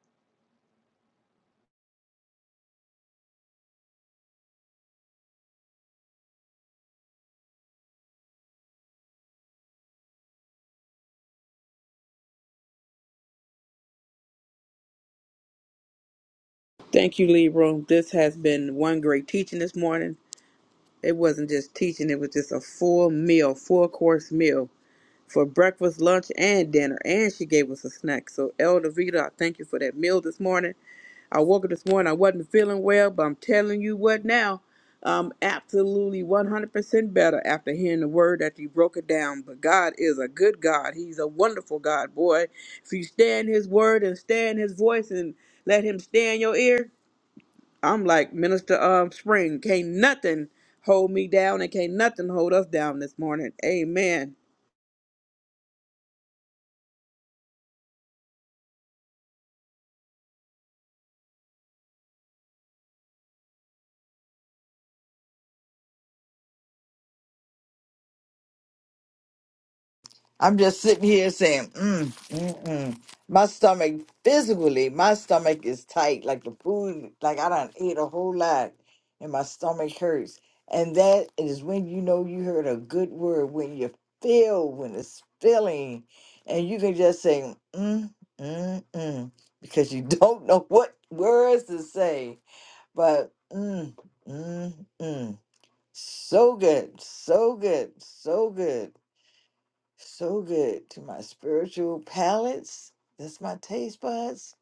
Speaker 7: Thank you, Libra. This has been one great teaching this morning. It wasn't just teaching, it was just a full meal, full course meal for breakfast, lunch, and dinner. And she gave us a snack. So, Elder Vita, I thank you for that meal this morning. I woke up this morning, I wasn't feeling well, but I'm telling you what now, I'm absolutely 100% better after hearing the word that you broke it down. But God is a good God. He's a wonderful God, boy. If you stay in His word and stay in His voice and let Him stay in your ear, I'm like Minister um, Spring. Can't nothing hold me down and can't nothing hold us down this morning. Amen.
Speaker 5: I'm just sitting here saying, mm, mm, mm. my stomach physically, my stomach is tight. Like the food, like I don't eat a whole lot, and my stomach hurts. And that is when you know you heard a good word when you feel when it's filling, and you can just say, mm, mm, mm, because you don't know what words to say. But mm, mm, mm. So good, so good, so good. So good to my spiritual palates. That's my taste buds.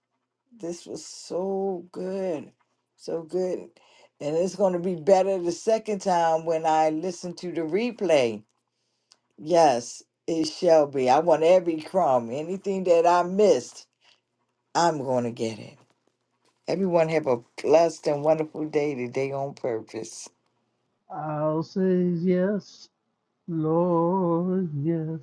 Speaker 5: This was so good. So good. And it's going to be better the second time when I listen to the replay. Yes, it shall be. I want every crumb, anything that I missed, I'm going to get it. Everyone have a blessed and wonderful day today on purpose.
Speaker 11: I'll say yes, Lord, yes,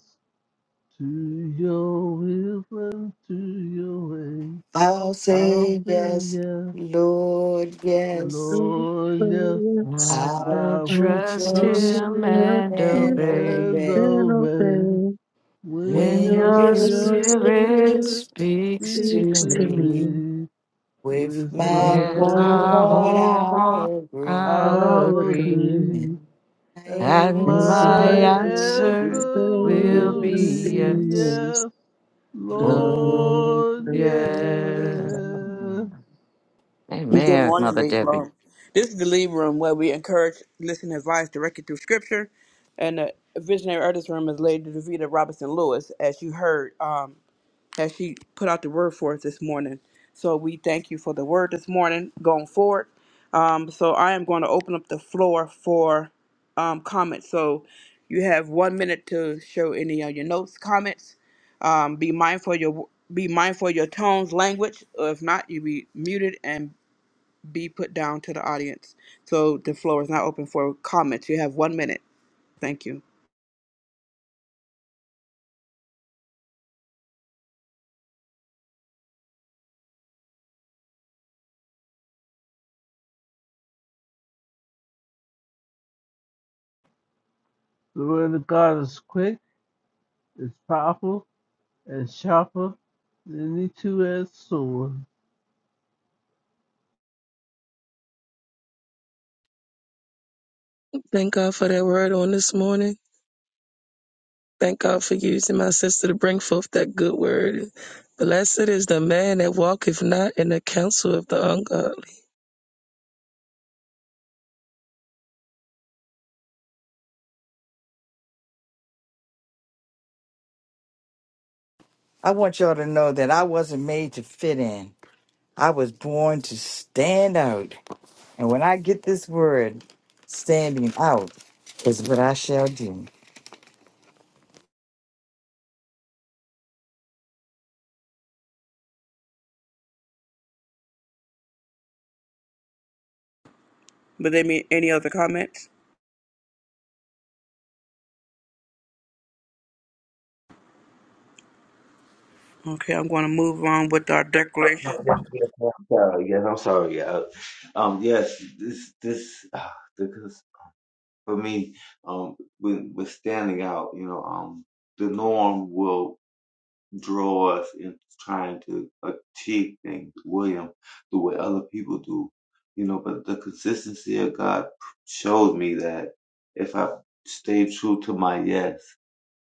Speaker 11: to your will and to your way.
Speaker 5: I'll
Speaker 11: I'll
Speaker 5: say
Speaker 11: say
Speaker 5: yes,
Speaker 11: yes,
Speaker 5: Lord, yes.
Speaker 11: Lord, yes,
Speaker 16: Yes,
Speaker 13: I
Speaker 5: I'll
Speaker 11: I
Speaker 13: will
Speaker 16: I
Speaker 11: will
Speaker 5: put
Speaker 13: trust
Speaker 5: your
Speaker 11: trust
Speaker 16: believe
Speaker 13: him
Speaker 11: you
Speaker 5: shoe
Speaker 16: that
Speaker 13: and
Speaker 5: and
Speaker 16: you
Speaker 13: obey.
Speaker 11: and
Speaker 5: obey
Speaker 16: can
Speaker 11: obey.
Speaker 16: obey
Speaker 11: When
Speaker 13: When
Speaker 11: your
Speaker 5: when
Speaker 13: your
Speaker 16: when
Speaker 5: your
Speaker 16: your
Speaker 11: spirit
Speaker 5: spirit
Speaker 13: spirit
Speaker 16: spirit
Speaker 13: speaks
Speaker 5: speaks
Speaker 13: to
Speaker 11: speaks
Speaker 5: to
Speaker 16: speaks
Speaker 11: to
Speaker 16: to
Speaker 13: me,
Speaker 5: me.
Speaker 16: me.
Speaker 11: me,
Speaker 5: With
Speaker 11: With
Speaker 5: my
Speaker 16: With
Speaker 11: my
Speaker 13: with
Speaker 16: my
Speaker 5: whole
Speaker 11: whole
Speaker 13: a
Speaker 5: heart,
Speaker 11: heart,
Speaker 13: whole
Speaker 16: head,
Speaker 13: heart
Speaker 5: I'll agree.
Speaker 13: I'll
Speaker 16: I
Speaker 11: I'll
Speaker 13: agree,
Speaker 16: agree,
Speaker 11: agree,
Speaker 5: And I
Speaker 11: and
Speaker 13: and
Speaker 5: answer
Speaker 16: and
Speaker 13: my
Speaker 11: my
Speaker 16: my
Speaker 11: answer
Speaker 5: with
Speaker 13: answer
Speaker 16: spirit
Speaker 13: will
Speaker 11: will
Speaker 16: will be
Speaker 13: be
Speaker 5: yes,
Speaker 11: be
Speaker 13: yes.
Speaker 16: yours,
Speaker 11: yes,
Speaker 13: Oh,
Speaker 5: Lord.
Speaker 16: Lord.
Speaker 11: Lord, yes.
Speaker 13: yeah.
Speaker 5: Amen.
Speaker 7: Good
Speaker 13: Amen,
Speaker 7: morning,
Speaker 13: Mother
Speaker 7: Big
Speaker 13: Debbie.
Speaker 7: Bro. This is the Lead Room where we encourage, listen, advice directed through Scripture. And the visionary artist room is Lady Davida Robinson Lewis, as you heard, um, as she put out the word for us this morning. So we thank you for the word this morning going forward. Um, so I am going to open up the floor for um, comments. So you have one minute to show any of your notes, comments. Um, be mindful of your be mindful of your tones, language. If not, you'll be muted and be put down to the audience. So the floor is not open for comments. You have one minute. Thank you.
Speaker 11: The word of God is quick, it's powerful, and sharper than any two-edged sword.
Speaker 16: Thank God for that word on this morning. Thank God for using my sister to bring forth that good word. Blessed is the man that walketh not in the counsel of the ungodly
Speaker 5: I want y'all to know that I wasn't made to fit in. I was born to stand out. And when I get this word, standing out is what I shall do.
Speaker 7: But they mean any other comments? Okay, I'm going to move on with our
Speaker 10: No,
Speaker 7: declaration.
Speaker 10: yes, yes, yes. Uh, yes, I'm sorry. Uh, um, yes, this this uh, because for me, um, with with standing out, you know, um, the norm will. draw us into trying to achieve things, William, the way other people do. You know, but the consistency of God showed me that if I stay true to my yes,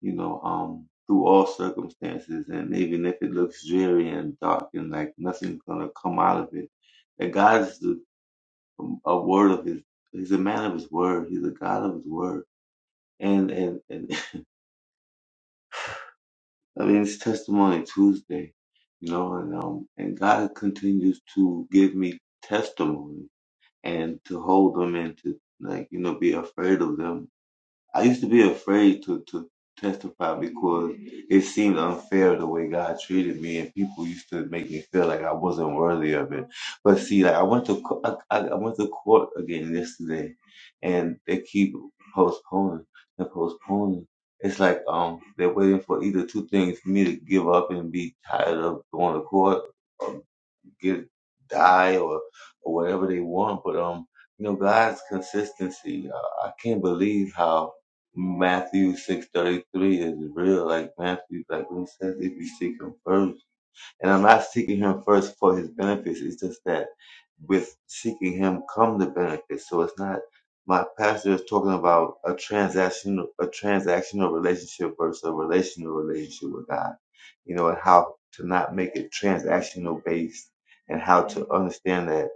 Speaker 10: you know, um, through all circumstances, and even if it looks dreary and dark and like nothing's gonna come out of it, that God is the, um, a word of His. He's a man of His word. He's a God of His word. And and and I mean, it's testimony Tuesday, you know, and um, and God continues to give me testimony and to hold them and to like you know be afraid of them I used to be afraid to, to testify because it seemed unfair the way God treated me, and people used to make me feel like I wasn't worthy of it. But see, like I went to co- I, I I went to court again yesterday, and they keep postponing and postponing. It's like um they're waiting for either two things: for me to give up and be tired of going to court, get die or or whatever they want. But um, you know, God's consistency. Uh, I can't believe how Matthew six thirty three is real. Like Matthew, like when he says, if you seek Him first. And I'm not seeking him first for his benefits. It's just that with seeking him come the benefits. So it's not my pastor is talking about a transactional a transactional relationship versus a relational relationship with God. You know, and how to not make it transactional based and how to understand that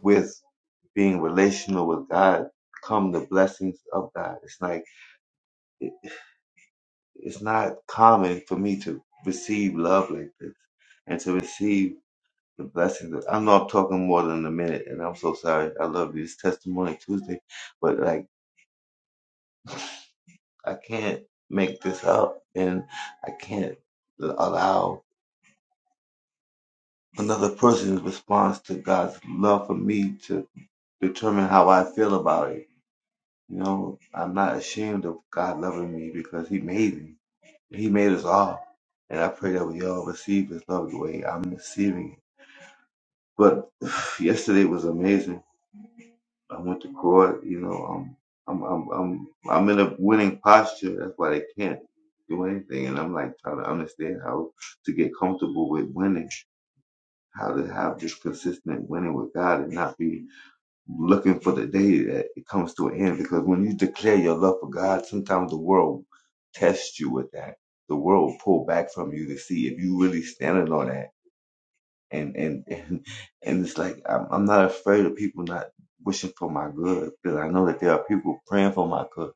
Speaker 10: with being relational with God come the blessings of God. It's like it, it's not common for me to receive love like this and to receive the blessings. of- I'm not talking more than a minute, and I'm so sorry. I love you. It's Testimony Tuesday, but like I can't make this up, and I can't allow another person's response to God's love for me to determine how I feel about it. You know, I'm not ashamed of God loving me because He made me. He made us all, and I pray that we all receive His love the way I'm receiving it. But yesterday was amazing I went to court. You know, um, I'm I'm I'm I'm in a winning posture. That's why they can't do anything. And I'm like trying to understand how to get comfortable with winning, how to have this consistent winning with God, and not be looking for the day that it comes to an end. Because when you declare your love for God, sometimes the world tests you with that. The world will pull back from you to see if you really standing on that and and and, and it's like I'm, I'm not afraid of people not wishing for my good because I know that there are people praying for my good,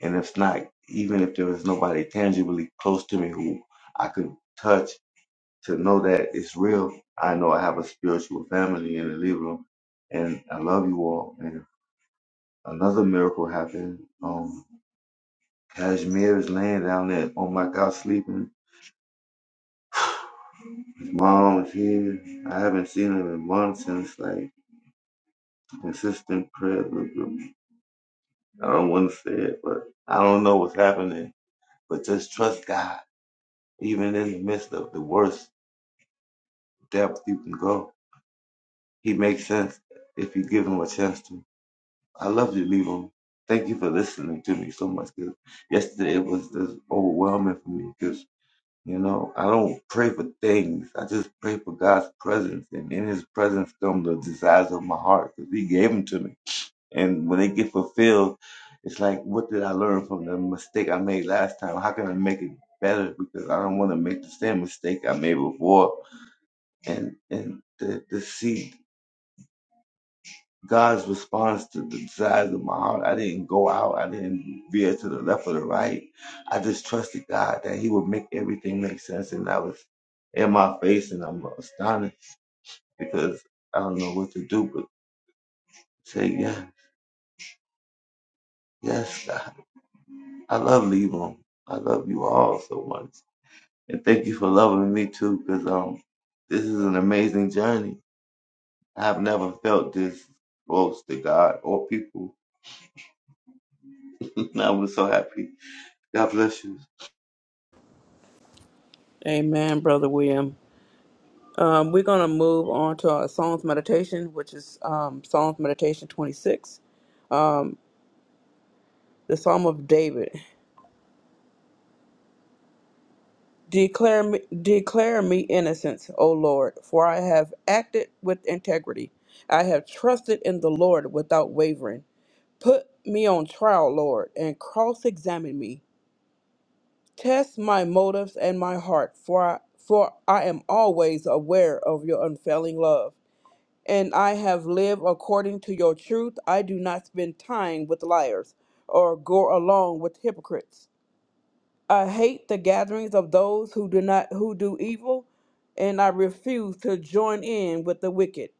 Speaker 10: and if not, even if there was nobody tangibly close to me who I could touch to know that it's real, I know I have a spiritual family in the living room, and I love you all. And another miracle happened. Um, Kashmir is laying down there on my couch sleeping. His mom is here. I haven't seen him in months, and it's like consistent prayer. I don't want to say it, but I don't know what's happening. But just trust God, even in the midst of the worst depth you can go. He makes sense if you give him a chance to. I love you, Levon. Thank you for listening to me so much. Cause yesterday it was just overwhelming for me because, you know, I don't pray for things. I just pray for God's presence. And in his presence come the desires of my heart because he gave them to me. And when they get fulfilled, it's like, what did I learn from the mistake I made last time? How can I make it better? Because I don't want to make the same mistake I made before. And and to, to see God's response to the desires of my heart, I didn't go out. I didn't veer to the left or the right. I just trusted God that He would make everything make sense. And I was in my face, and I'm astonished because I don't know what to do but say, yeah, yes, God. I love Lebo. I love you all so much. And thank you for loving me too, because um this is an amazing journey. I've never felt this close to God or people. I was so happy. God bless you.
Speaker 7: Amen, Brother William. Um, we're going to move on to our Psalms meditation, which is um, Psalms meditation 26, um, the Psalm of David. Declare me, declare me innocence, O Lord, for I have acted with integrity. I have trusted in the Lord without wavering. Put me on trial, Lord, and cross examine me. Test my motives and my heart, for I, for I am always aware of your unfailing love. And I have lived according to your truth. I do not spend time with liars or go along with hypocrites. I hate the gatherings of those who do not who do evil, and I refuse to join in with the wicked.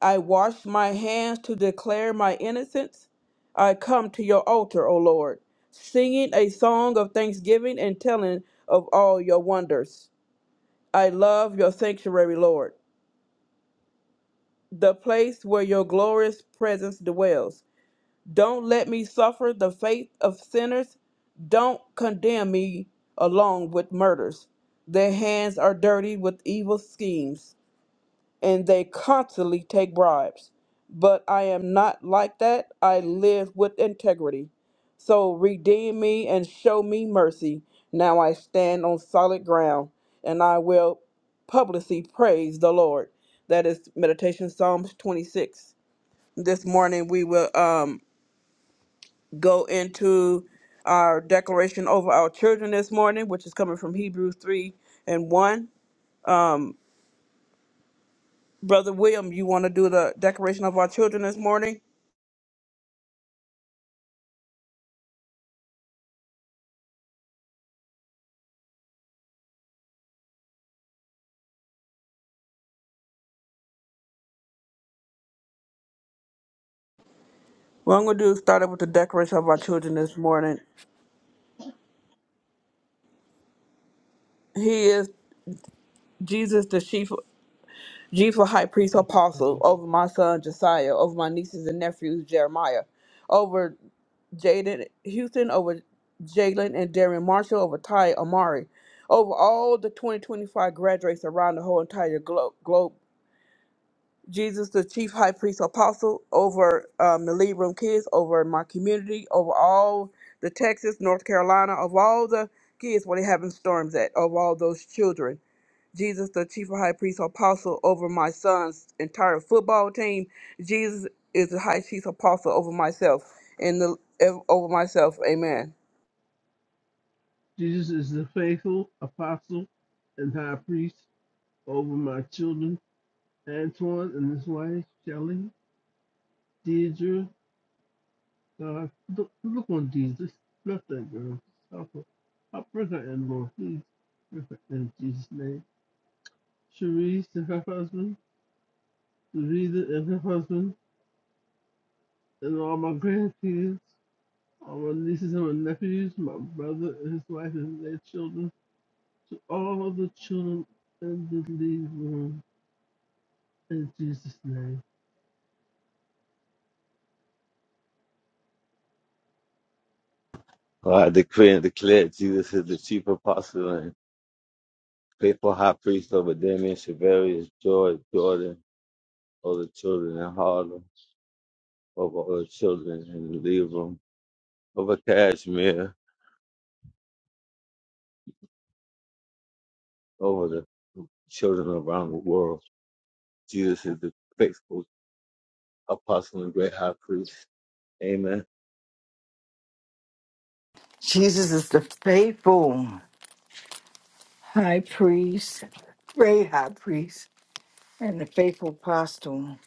Speaker 7: I wash my hands to declare my innocence. I come to your altar, O Lord, singing a song of thanksgiving and telling of all your wonders. I love your sanctuary, Lord, the place where your glorious presence dwells. Don't let me suffer the fate of sinners. Don't condemn me along with murders. Their hands are dirty with evil schemes. and they constantly take bribes. But I am not like that. I live with integrity. So redeem me and show me mercy. Now I stand on solid ground, and I will publicly praise the Lord. That is Meditation Psalms 26. This morning we will um, go into our declaration over our children this morning, which is coming from Hebrews 3 and 1. Brother William, you want to do the declaration of our children this morning? What I'm gonna do is start up with the decoration of our children this morning. He is Jesus, the chief, chief of high priest apostle over my son Josiah, over my nieces and nephews Jeremiah, over Jaden Houston, over Jalen and Darren Marshall, over Ty Amari, over all the 2025 graduates around the whole entire glo- globe. Jesus, the chief high priest apostle, over um, the Lead Room kids, over my community, over all the Texas, North Carolina, of all the kids where they having storms at, of all those children. Jesus, the chief high priest apostle, over my son's entire football team. Jesus is the high chief apostle over myself and the over myself. Amen.
Speaker 11: Jesus is the faithful apostle and high priest over my children, Antoine and his wife, Shelley, Deidre, God, look, look on Jesus. Bless that girl. Stop her. I break her in, Lord. Please. in Jesus' name. Cherise and her husband, Louisa and her husband, and all my grandkids, all my nieces and my nephews, my brother and his wife and their children, to all the children in the league room in Jesus' name.
Speaker 10: Well, I decree and declare Jesus is the chief apostle and faithful high priest over Damien Shavarius, George, Jordan, all the children in Harlem, over all the children in Lebanon, over Kashmir, over the children around the world. Jesus is the faithful apostle and great high priest. Amen.
Speaker 5: Jesus is the faithful high priest, great high priest, and the faithful apostle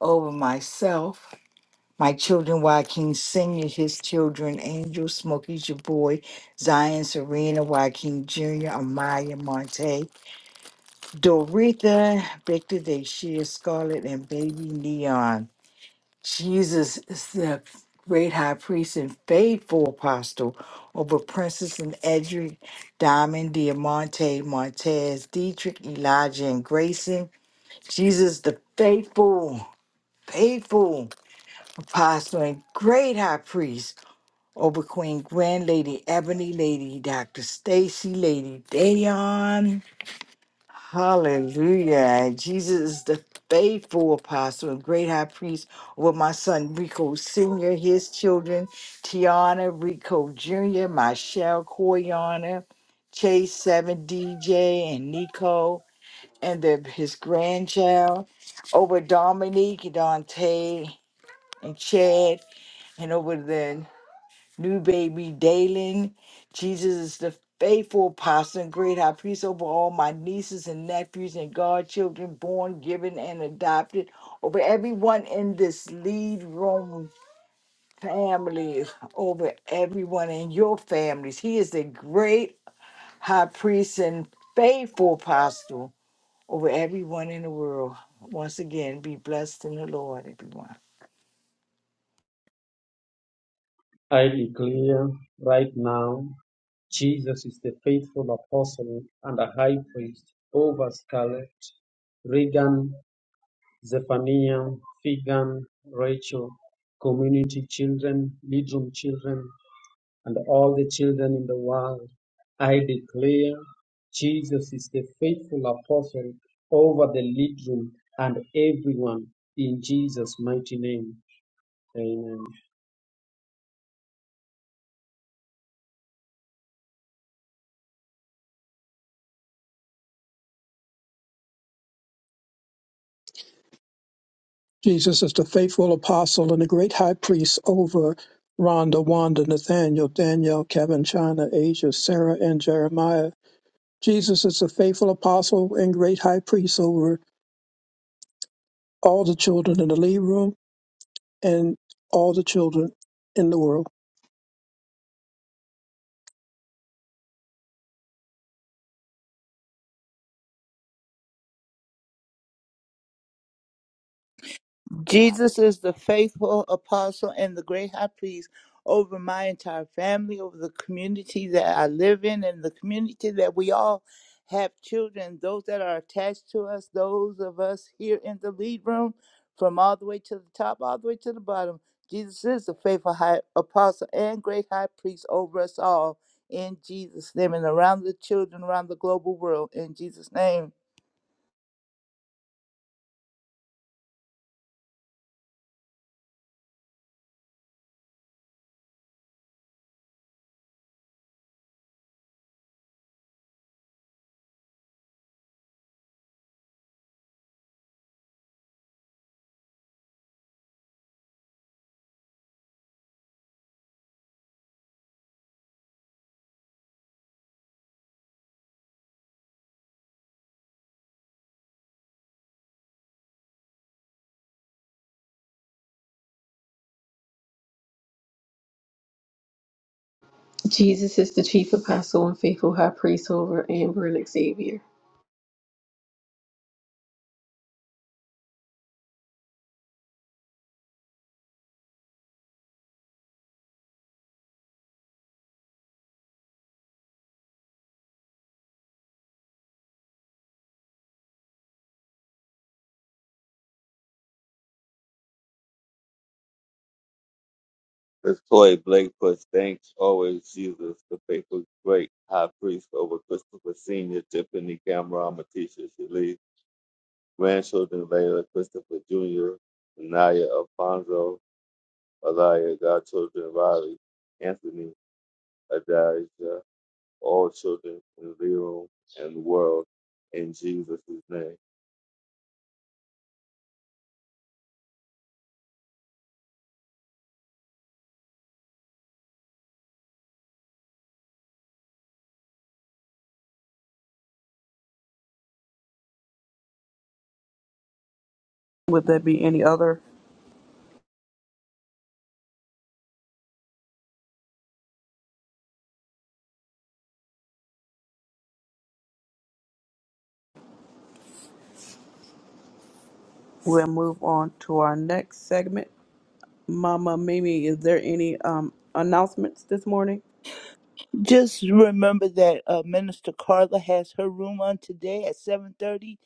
Speaker 5: over myself. My children, Joaquin Sr., his children, Angel, Smokey's your boy, Zion, Serena, Joaquin Jr., Amaya, Monte, Doretha, Victor, Deshia, Scarlett, and baby Neon. Jesus is the great high priest and faithful apostle over Princess and Edric, Diamond, Diamante, Montez, Dietrich, Elijah, and Grayson. Jesus, the faithful, faithful apostle and great high priest over Queen Gwen, Lady Ebony, Lady Dr. Stacy, Lady Dayon, Hallelujah. Jesus is the faithful apostle and great high priest over my son Rico Sr., his children, Tiana, Rico Jr., Michelle, Koyana, Chase 7, DJ, and Nico, and their, his grandchild, over Dominique, Dante, and Chad, and over the New Baby Dalen. Jesus is the faithful apostle and great high priest over all my nieces and nephews and godchildren, born, given, and adopted, over everyone in this lead room family, over everyone in your families. He is the great high priest and faithful apostle over everyone in the world. Once again, be blessed in the Lord, everyone.
Speaker 14: I declare right now, Jesus is the faithful apostle and a high priest over Scarlett, Regan, Zephaniah, Figan, Rachel, community children, leadroom children, and all the children in the world. I declare Jesus is the faithful apostle over the lead and everyone in Jesus' mighty name. Amen.
Speaker 9: Jesus is the faithful apostle and the great high priest over my entire family, over the community that I live in, and the community that we all have children, those that are attached to us, those of us here in the lead room, from all the way to the top, all the way to the bottom. Jesus is the faithful high apostle and great high priest over us all in Jesus' name and around the children around the global world in Jesus' name.
Speaker 1: Jesus is the chief apostle and faithful high priest over Amber and Xavier.
Speaker 10: As Toy Blake puts, thanks always, Jesus, the faithful great high priest over Christopher Sr., Tiffany Cameron, Matisha Shalee, grandchildren Layla, Christopher Jr., Naya Alfonso, Alaya, godchildren Riley, Anthony, Adijah, all children in the room and the world, in Jesus' name.
Speaker 7: Would there be any other? We'll move on to our next segment. Mama Mimi, is there any um, announcements this morning?
Speaker 9: Just remember that uh, Minister Carla has her room on today at 7:30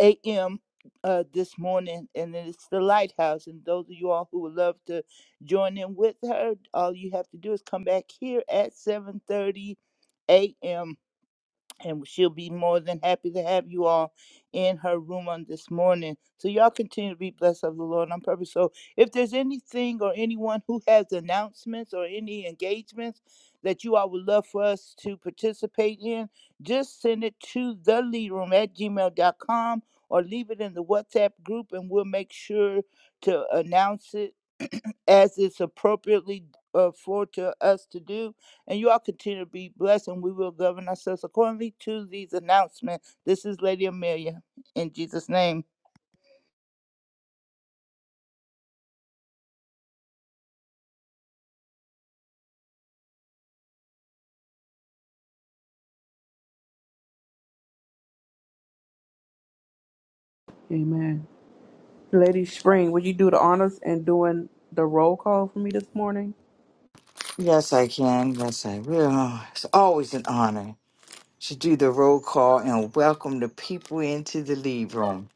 Speaker 9: a.m. Uh, this morning, and it's the Lighthouse. And those of you all who would love to join in with her, all you have to do is come back here at 7:30 a.m and she'll be more than happy to have you all in her room on this morning. So y'all continue to be blessed of the Lord on purpose. So if there's anything or anyone who has announcements or any engagements that you all would love for us to participate in, just send it to the lead room at gmail.com or leave it in the WhatsApp group and we'll make sure to announce it as it's appropriately uh, for to us to do. And you all continue to be blessed, and we will govern ourselves accordingly to these announcements. This is Lady Amelia in Jesus' name.
Speaker 7: Amen. Lady Spring, would you do the honors and doing the roll call for me this morning?
Speaker 5: Yes, I can. Yes, I will. It's always an honor. to do the roll call and welcome the people into the lead room.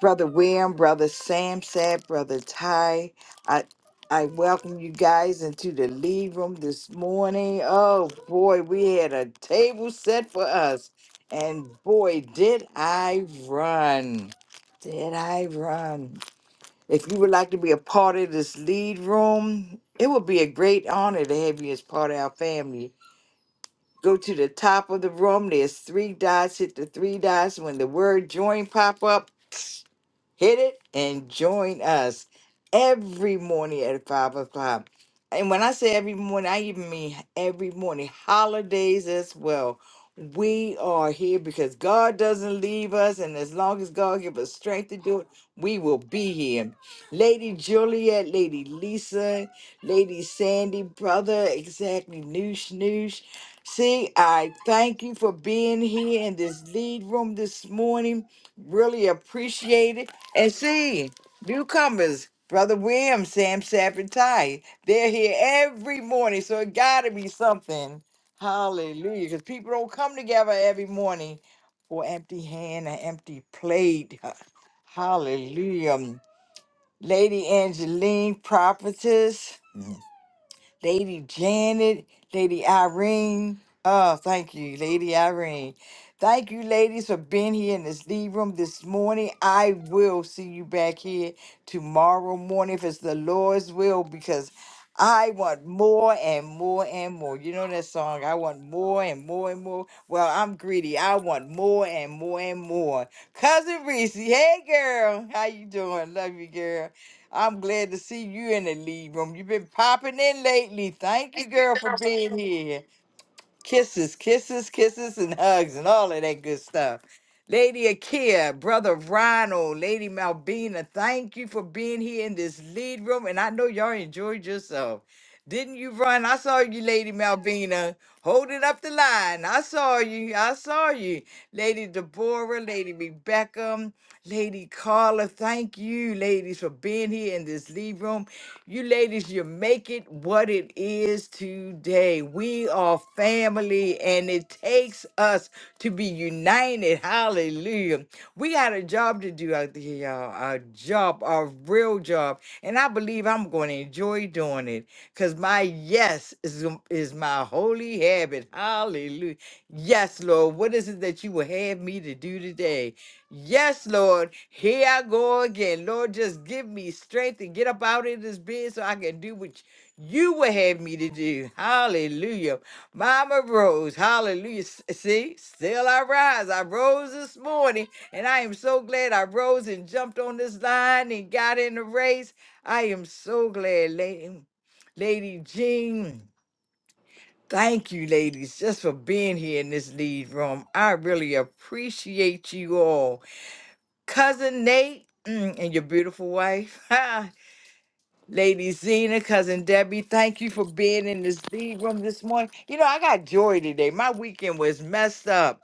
Speaker 5: Brother William, Brother Sam said, Brother Ty, I I welcome you guys into the lead room this morning. Oh boy, we had a table set for us. And boy, did I run. Did I run? If you would like to be a part of this lead room, it would be a great honor to have you as part of our family. Go to the top of the room. There's three dots. Hit the three dots. When the word join pop up, hit it and join us every morning at five o'clock. And when I say every morning, I even mean every morning, holidays as well. We are here because God doesn't leave us, and as long as God gives us strength to do it, we will be here. Lady Juliet, Lady Lisa, Lady Sandy, brother, exactly, noosh noosh. See, I thank you for being here in this lead room this morning really appreciate it. And see, newcomers, Brother William, Sam Stafford Ty, they're here every morning, so it got to be something. Hallelujah. Because people don't come together every morning for empty hand and empty plate. Hallelujah. Lady Angeline, prophetess. Lady Janet, Lady Irene. Oh, thank you, Lady Irene. Thank you, ladies, for being here in this lead room this morning. I will see you back here tomorrow morning if it's the Lord's will, because I want more and more and more. You know that song, I want more and more and more. Well, I'm greedy. I want more and more and more. Cousin Reese, hey girl, how you doing? Love you, girl. I'm glad to see you in the lead room. You've been popping in lately. Thank you, girl, for being here. Kisses, kisses, kisses, and hugs, and all of that good stuff. Lady Akia, Brother Ronald, Lady Malvina, thank you for being here in this lead room. And I know y'all enjoyed yourself. Didn't you run? I saw you, Lady Malvina, holding up the line. I saw you. I saw you. Lady Deborah, Lady Rebecca. Lady Carla, thank you, ladies, for being here in this lead room. You ladies, you make it what it is today. We are family, and it takes us to be united. Hallelujah. We got a job to do out there, y'all. A job, a real job. And I believe I'm going to enjoy doing it because my yes is, is my holy habit. Hallelujah. Yes, Lord. What is it that you will have me to do today? Yes, Lord. Here I go again. Lord, just give me strength to get up out of this bed so I can do what you would have me to do. Hallelujah. Mama rose. Hallelujah. S- See, still I rise. I rose this morning, and I am so glad I rose and jumped on this line and got in the race. I am so glad, Lady, Lady Jean. Thank you, ladies, just for being here in this lead room. I really appreciate you all. Cousin Nate mm, and your beautiful wife, ha, Lady Zena, Cousin Debbie, thank you for being in this lead room this morning. You know, I got joy today. My weekend was messed up,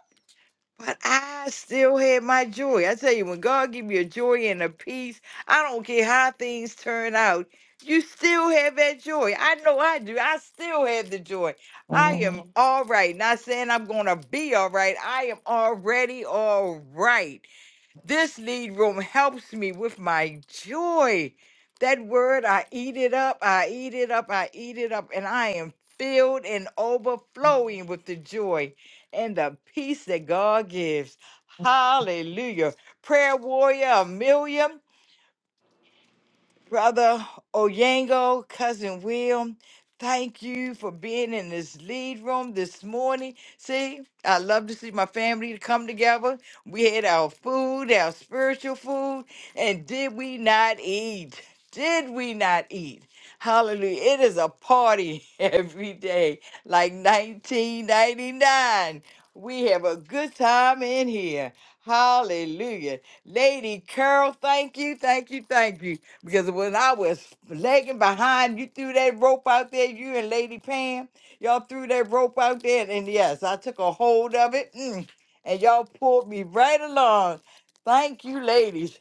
Speaker 5: but I still had my joy. I tell you, when God give you a joy and a peace, I don't care how things turn out. You still have that joy. I know I do. I still have the joy. I am all right. Not saying I'm going to be all right. I am already all right. This lead room helps me with my joy. That word, I eat it up, I eat it up, I eat it up, and I am filled and overflowing with the joy and the peace that God gives. Hallelujah. Prayer warrior Amelia. Brother Oyango, Cousin Will, thank you for being in this lead room this morning. See, I love to see my family to come together. We had our food, our spiritual food, and did we not eat? Did we not eat? Hallelujah. It is a party every day, like 1999. We have a good time in here. Hallelujah. Lady Carol, thank you, thank you, thank you. Because when I was lagging behind, you threw that rope out there, you and Lady Pam, y'all threw that rope out there. And yes, I took a hold of it mm, and y'all pulled me right along. Thank you, ladies.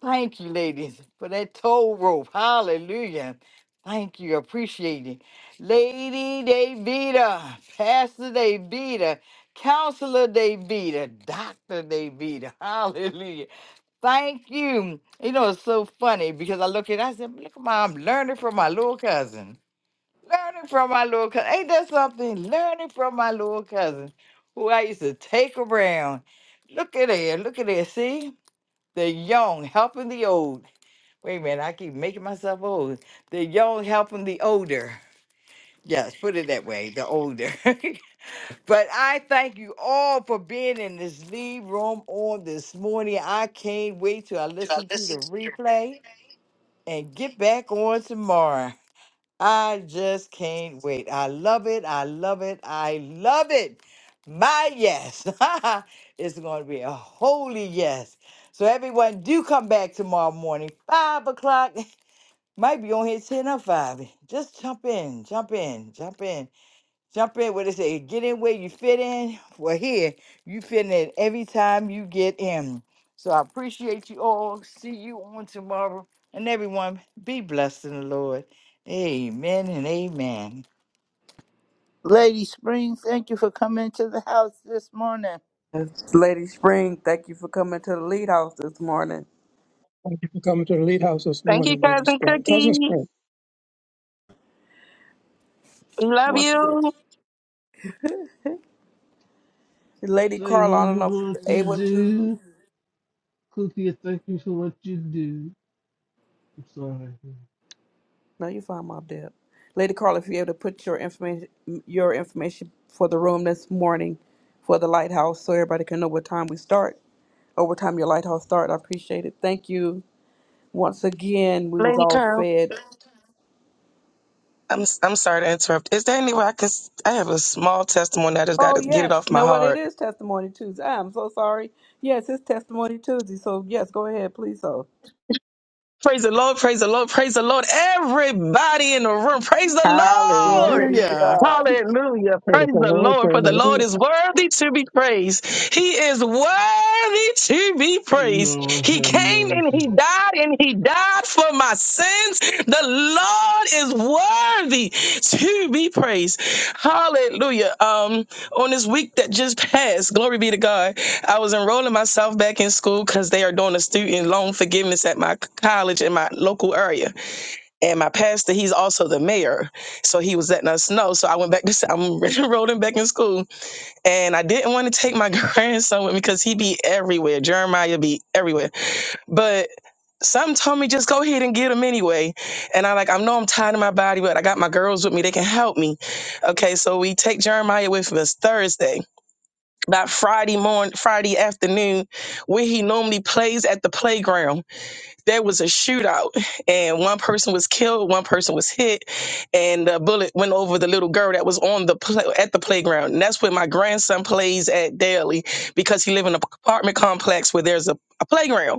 Speaker 5: Thank you, ladies, for that tow rope. Hallelujah. Thank you. Appreciate it. Lady Davida, Pastor Davida, Counselor Davida, Dr. Davida. Hallelujah. Thank you. You know, it's so funny because I look at I said, look at my I'm learning from my little cousin. Learning from my little cousin. Ain't that something? Learning from my little cousin who I used to take around. Look at there. Look at there. See? The young helping the old. Wait a minute, I keep making myself old. The young helping the older. Yes, put it that way. The older. But I thank you all for being in this lead room on this morning. I can't wait till I listen to the replay and get back on tomorrow. I just can't wait. I love it. I love it. I love it. My yes. it's going to be a holy yes. So, everyone, do come back tomorrow morning, 5 o'clock. Might be on here 10 or 5. Just jump in, jump in, jump in. Jump in, what it say? Get in where you fit in. Well, here, you fit in every time you get in. So I appreciate you all. See you on tomorrow. And everyone, be blessed in the Lord. Amen and amen.
Speaker 9: Lady Spring, thank you for coming to the house this morning.
Speaker 7: Yes. Lady Spring, thank you for coming to the lead house this morning.
Speaker 16: Thank you, cousin Cookie. Love
Speaker 7: Once again,
Speaker 16: you,
Speaker 7: Lady
Speaker 11: Thank
Speaker 7: Carla, I
Speaker 11: you
Speaker 7: don't know if
Speaker 11: for
Speaker 7: you're
Speaker 11: what you
Speaker 7: able to.
Speaker 11: do. Cookie, thank you for what you do. I'm sorry.
Speaker 7: No, you find my Deb. Lady Carla, if you're able to put your information, your information for the room this morning, for the lighthouse, so everybody can know what time we start or what time your lighthouse start. I appreciate it. Thank you once again. We was
Speaker 16: Lady
Speaker 7: all
Speaker 16: Carol.
Speaker 7: fed.
Speaker 16: I'm I'm sorry to interrupt. Is there any way I can? s- I have a small testimony. I just got
Speaker 7: Oh
Speaker 16: to get it
Speaker 7: yes,
Speaker 16: off
Speaker 7: you
Speaker 16: my
Speaker 7: know what
Speaker 16: heart.
Speaker 7: it is testimony Tuesday. I'm so sorry. Yes, it's testimony Tuesday. So yes, go ahead, please. So
Speaker 16: Praise the Lord, praise the Lord, praise the Lord. Everybody in the room, praise the
Speaker 7: glory
Speaker 16: Lord.
Speaker 7: be to
Speaker 5: Hallelujah.
Speaker 7: God.
Speaker 16: Hallelujah.
Speaker 15: Praise
Speaker 16: Praise
Speaker 15: the
Speaker 16: the
Speaker 15: Lord,
Speaker 16: Lord, for
Speaker 15: praise the
Speaker 16: the Lord
Speaker 15: Lord.
Speaker 16: is worthy to be praised. He is worthy to be
Speaker 11: Lord
Speaker 16: praised. He
Speaker 11: have
Speaker 16: came and
Speaker 11: mercy.
Speaker 16: he died and he died for my sins. The Lord is worthy to be praised. Hallelujah. Um, on this week that just passed, glory be to God. I was enrolling myself back in school because they are doing a student loan forgiveness at my c- college in my local area. And my pastor, he's also the mayor. So he was letting us know. So I went back to, s- I'm enrolling back in school. And I didn't want to take my grandson with me because he be everywhere. Jeremiah be everywhere. But something told me just go ahead and get him anyway. And I like, I know I'm tired of my body, but I got my girls with me. They can help me. Okay. So we take Jeremiah with us Thursday by Friday morning, Friday afternoon, where he normally plays at the playground. There was a shootout, and one person was killed, one person was hit, and the bullet went over the little girl that was on the pla at the playground. And that's where my grandson plays at daily because he live in an apartment complex where there's a, a playground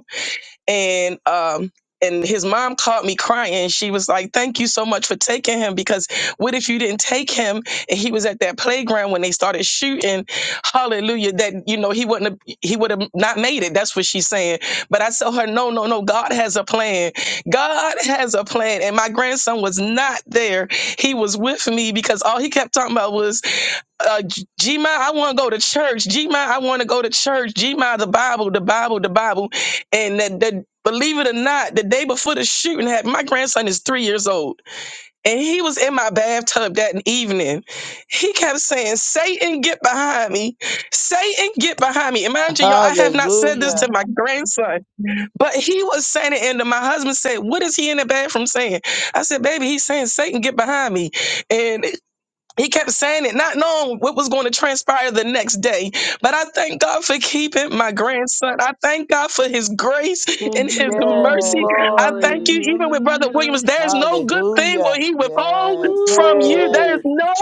Speaker 16: and um and his mom caught me crying. She was like, "Thank you so much for taking him because what if you didn't take him and he was at that playground when they started shooting? Hallelujah! That you know he wouldn't have, he would have not made it. That's what she's saying. But I tell her, no, no, no. God has a plan. God has a plan. And my grandson was not there. He was with me because all he kept talking about was uh, G- Gma, I want to go to church. Gma, I want to go to church. Gma, the Bible, the Bible, the Bible, and that, that believe it or not, the day before the shooting happened, my grandson is three years old, and he was in my bathtub that evening. He kept saying, "Satan, get behind me! Satan, get behind me!" And mind you, y'all, I have not said this
Speaker 9: Hallelujah.
Speaker 16: to my grandson, but he was saying it, and then my husband said, "What is he in the bathroom saying?" I said, "Baby, he's saying, 'Satan, get behind me!" and he kept saying it, not knowing what was going to transpire the next day. But I thank God for keeping my grandson. I thank God for his grace
Speaker 11: So
Speaker 16: and his
Speaker 11: good,
Speaker 7: Yes,
Speaker 11: so
Speaker 16: mercy.
Speaker 11: good, so
Speaker 16: I thank you,
Speaker 11: good.
Speaker 16: even with Brother
Speaker 11: Hallelujah.
Speaker 16: Williams, there's no good thing
Speaker 9: Hallelujah.
Speaker 16: will he withhold
Speaker 9: Yes.
Speaker 16: from you. There's
Speaker 11: Ooh,
Speaker 9: Yes.
Speaker 16: no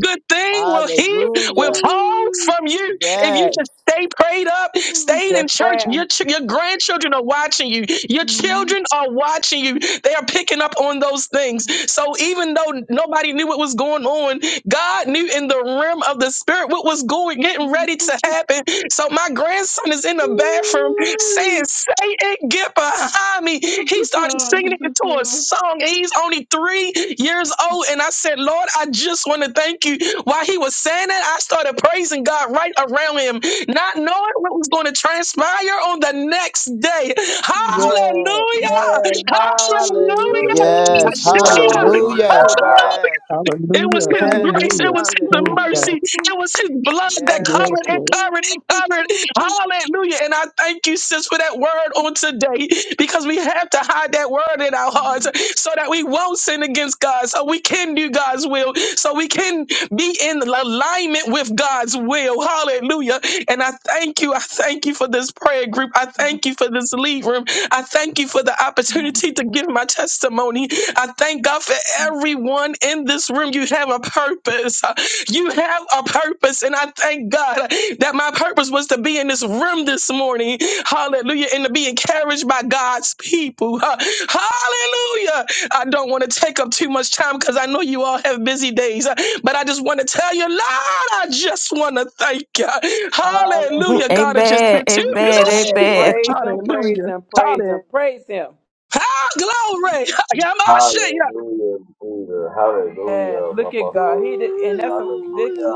Speaker 16: good thing will he
Speaker 9: Hallelujah.
Speaker 16: withhold
Speaker 11: ooh,
Speaker 16: from you. If you
Speaker 9: Yes.
Speaker 16: just stay prayed up,
Speaker 11: ooh,
Speaker 16: stayed
Speaker 7: yes,
Speaker 16: in church, your
Speaker 7: ma'am.
Speaker 16: ch- your grandchildren are watching you. Your
Speaker 11: ooh,
Speaker 16: children are watching you. They are picking up on those things.
Speaker 11: ooh.
Speaker 16: So even though nobody knew what was going on, God knew in the realm of the spirit what was going, getting ready to happen. So my grandson is in the bathroom saying
Speaker 11: ooh,
Speaker 16: say it, get behind me.
Speaker 11: Look
Speaker 16: He
Speaker 11: at
Speaker 16: started
Speaker 11: God,
Speaker 16: singing
Speaker 11: look
Speaker 16: it
Speaker 11: at
Speaker 16: to a
Speaker 11: God.
Speaker 16: song. and He's only three years old. And I said, Lord, I just want to thank you. While he was saying that, I started praising God right around him, not knowing what was going to transpire on the next day.
Speaker 11: Ooh,
Speaker 16: Hallelujah!
Speaker 7: Yes,
Speaker 11: ooh,
Speaker 7: yes.
Speaker 16: Hallelujah!
Speaker 7: Hallelujah.
Speaker 11: ooh,
Speaker 9: Yes.
Speaker 11: ooh.
Speaker 7: Glory
Speaker 10: Hallelujah.
Speaker 7: be
Speaker 9: Hallelujah.
Speaker 7: to God.
Speaker 16: Hallelujah!
Speaker 9: Yes.
Speaker 16: It was
Speaker 15: Hallelujah,
Speaker 16: his
Speaker 9: Yes.
Speaker 16: grace. It
Speaker 15: hallelujah.
Speaker 11: Ooh,
Speaker 16: was his
Speaker 15: Praise God.
Speaker 16: mercy.
Speaker 9: Hallelujah.
Speaker 11: ooh,
Speaker 16: It was his blood that
Speaker 9: Yes.
Speaker 15: Yes,
Speaker 16: covered and
Speaker 11: ooh, ooh.
Speaker 15: Lord.
Speaker 16: covered and covered
Speaker 11: ooh,
Speaker 16: Hallelujah. And I thank you, sis, for that word on today because we have to hide that word in our hearts so that we won't sin against God, so we can do God's will, so we can be in alignment with God's will. Hallelujah. And I thank you. I thank you for this prayer group. I thank you for this lead room. I thank you for the opportunity to give my testimony. I thank God for everyone in this room. You have a purpose. You have a purpose, and I thank God that my purpose was to be in this room this morning. Hallelujah. And to be encouraged by God's people. Ha- Hallelujah. I don't want to take up too much time because I know you all have busy days, uh, but I just want to tell you, Lord, I just want to thank you.
Speaker 13: Um,
Speaker 7: Hallelujah.
Speaker 16: Hallelujah. God has just
Speaker 13: amen.
Speaker 16: been too
Speaker 7: Go
Speaker 13: Amen.
Speaker 16: good.
Speaker 7: ahead,
Speaker 13: Amen.
Speaker 7: praise Him, praise
Speaker 16: Hallelujah.
Speaker 7: Him, praise
Speaker 16: Hallelujah.
Speaker 7: Him, praise Him.
Speaker 16: Ah, glory.
Speaker 10: Hallelujah, Jesus.
Speaker 7: Yes,
Speaker 10: Hallelujah, my
Speaker 7: look at
Speaker 10: Father.
Speaker 7: God. He did, and that's
Speaker 10: Hallelujah.
Speaker 7: a.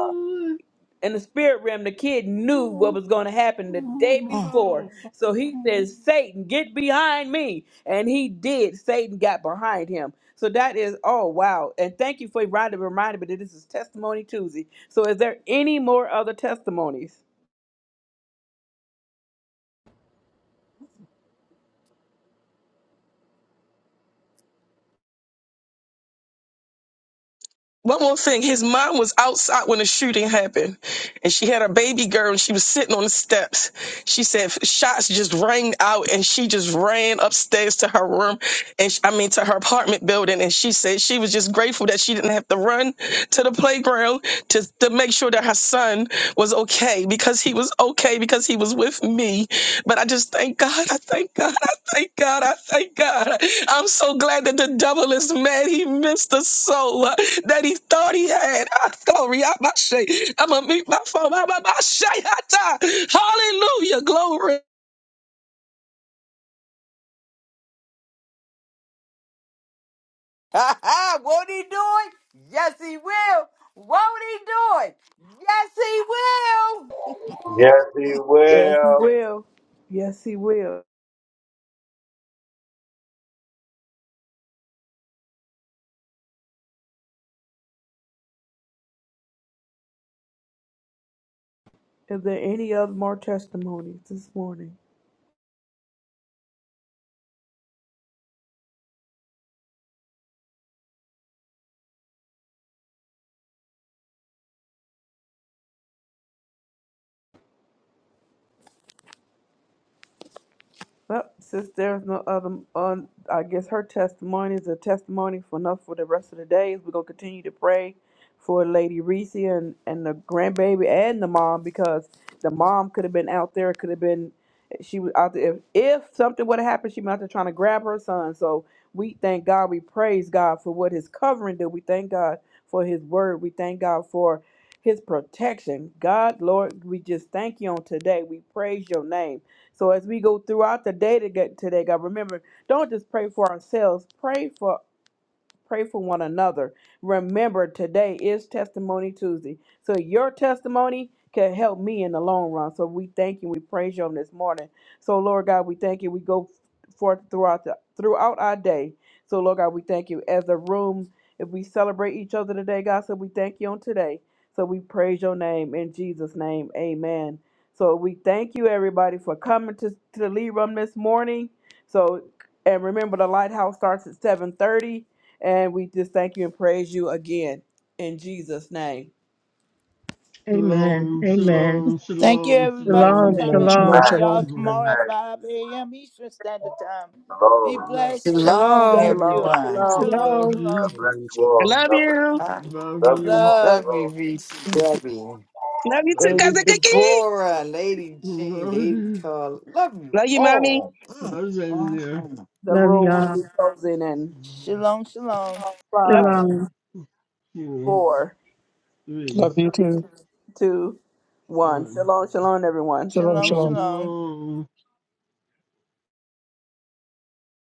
Speaker 11: ooh.
Speaker 7: in the spirit realm, the kid knew what was going to happen the day
Speaker 13: Mm.
Speaker 7: before.
Speaker 11: Wow.
Speaker 7: So he says, Satan, get behind me. And he did. Satan got behind him. So that is, oh, wow. And thank you for Rhonda reminding me that this is Testimony Tuesday. So is there any more other testimonies?
Speaker 16: One more thing, his mom was outside when the shooting happened, and she had her baby girl, and she was sitting on the steps. She said shots just rang out, and she just ran upstairs to her room, and sh- I mean to her apartment building. And she said she was just grateful that she didn't have to run to the playground to to make sure that her son was okay because he was okay okay because he was with me. But I just thank God. I thank God. I thank God. I thank God. I'm so glad that the devil is mad. He missed the soul uh, that he thought he had. I glory. I'm my shade. I'm gonna meet my phone. I'm my shade. Hallelujah. Glory.
Speaker 5: Ha ha! Won't he do it? Yes, he will. Won't he do it? Yes, he will.
Speaker 10: Yes, He
Speaker 7: Yes, he
Speaker 10: will.
Speaker 7: will. Yes, he will. Is there any other more testimonies this morning? Well, since there's no other, um, I guess her testimony is a testimony for enough for the rest of the days. We're gonna continue to pray for Lady Reese and and the grandbaby and the mom because the mom could have been out there, could have been she was out there. If, if something would have happened, she might have trying to grab her son. So we thank God, we praise God for what His covering did. We thank God for His word. We thank God for His protection. God, Lord, we just thank you on today. We praise Your name. So as we go throughout the day to get today, God, remember, don't just pray for ourselves, pray for Pray for one another. Remember, today is Testimony Tuesday. So your testimony can help me in the long run. So we thank you. We praise you on this morning. So Lord God, we thank you. We go forth throughout the, throughout our day. So Lord God, we thank you. As a room, if we celebrate each other today, God, so we thank you on today. So we praise your name in Jesus' name. Amen. So we thank you everybody for coming to, to the lead room this morning. So and remember the lighthouse starts at 7:30. And we just thank you and praise you again in Jesus' name.
Speaker 17: Amen.
Speaker 11: Shalom,
Speaker 17: Amen.
Speaker 11: shalom,
Speaker 9: Thank you,
Speaker 11: shalom,
Speaker 9: everybody, for
Speaker 17: Shalom.
Speaker 11: shalom.
Speaker 15: Amen.
Speaker 9: coming.
Speaker 15: Shalom,
Speaker 9: See
Speaker 17: Shalom.
Speaker 10: Thanks.
Speaker 9: y'all
Speaker 15: shalom.
Speaker 9: tomorrow
Speaker 11: shalom.
Speaker 9: at
Speaker 10: Thanks,
Speaker 9: 5 a.m. Eastern Standard Time. Be
Speaker 10: Lord.
Speaker 11: Lo-
Speaker 9: blessed. We
Speaker 5: Shalom,
Speaker 9: love
Speaker 13: Shalom.
Speaker 9: you
Speaker 7: Shalom,
Speaker 9: all.
Speaker 5: everyone.
Speaker 7: shalom.
Speaker 9: Shalom,
Speaker 11: Love
Speaker 16: Hello.
Speaker 11: you,
Speaker 10: God
Speaker 9: shalom.
Speaker 10: bless
Speaker 14: Shalom,
Speaker 10: you
Speaker 16: I
Speaker 10: all.
Speaker 14: shalom.
Speaker 16: love
Speaker 10: God bless.
Speaker 16: you.
Speaker 5: I
Speaker 11: love
Speaker 10: you. Love you
Speaker 11: you,
Speaker 10: all.
Speaker 9: Love.
Speaker 5: love you,
Speaker 10: Lord.
Speaker 5: VCW.
Speaker 16: Love you too,
Speaker 11: love
Speaker 5: Lady
Speaker 11: you,
Speaker 16: cousin Cookie.
Speaker 5: Deborah, Lady J,
Speaker 11: love
Speaker 5: Lady
Speaker 11: you,
Speaker 5: Carl, love you
Speaker 16: Love you, mommy.
Speaker 5: all.
Speaker 11: love you, baby dear.
Speaker 5: Mhm.
Speaker 7: The
Speaker 17: Love
Speaker 7: room will
Speaker 17: y'all.
Speaker 7: be closing in
Speaker 9: Shalom, shalom.
Speaker 16: Love
Speaker 7: five,
Speaker 17: Shalom.
Speaker 11: Two,
Speaker 7: four,
Speaker 11: three,
Speaker 15: Love you
Speaker 7: three,
Speaker 15: too.
Speaker 7: two, one.
Speaker 11: one.
Speaker 7: Shalom, shalom, everyone.
Speaker 15: Shalom,
Speaker 9: Shalom,
Speaker 15: shalom.
Speaker 11: Shalom,
Speaker 9: shalom.
Speaker 11: shalom.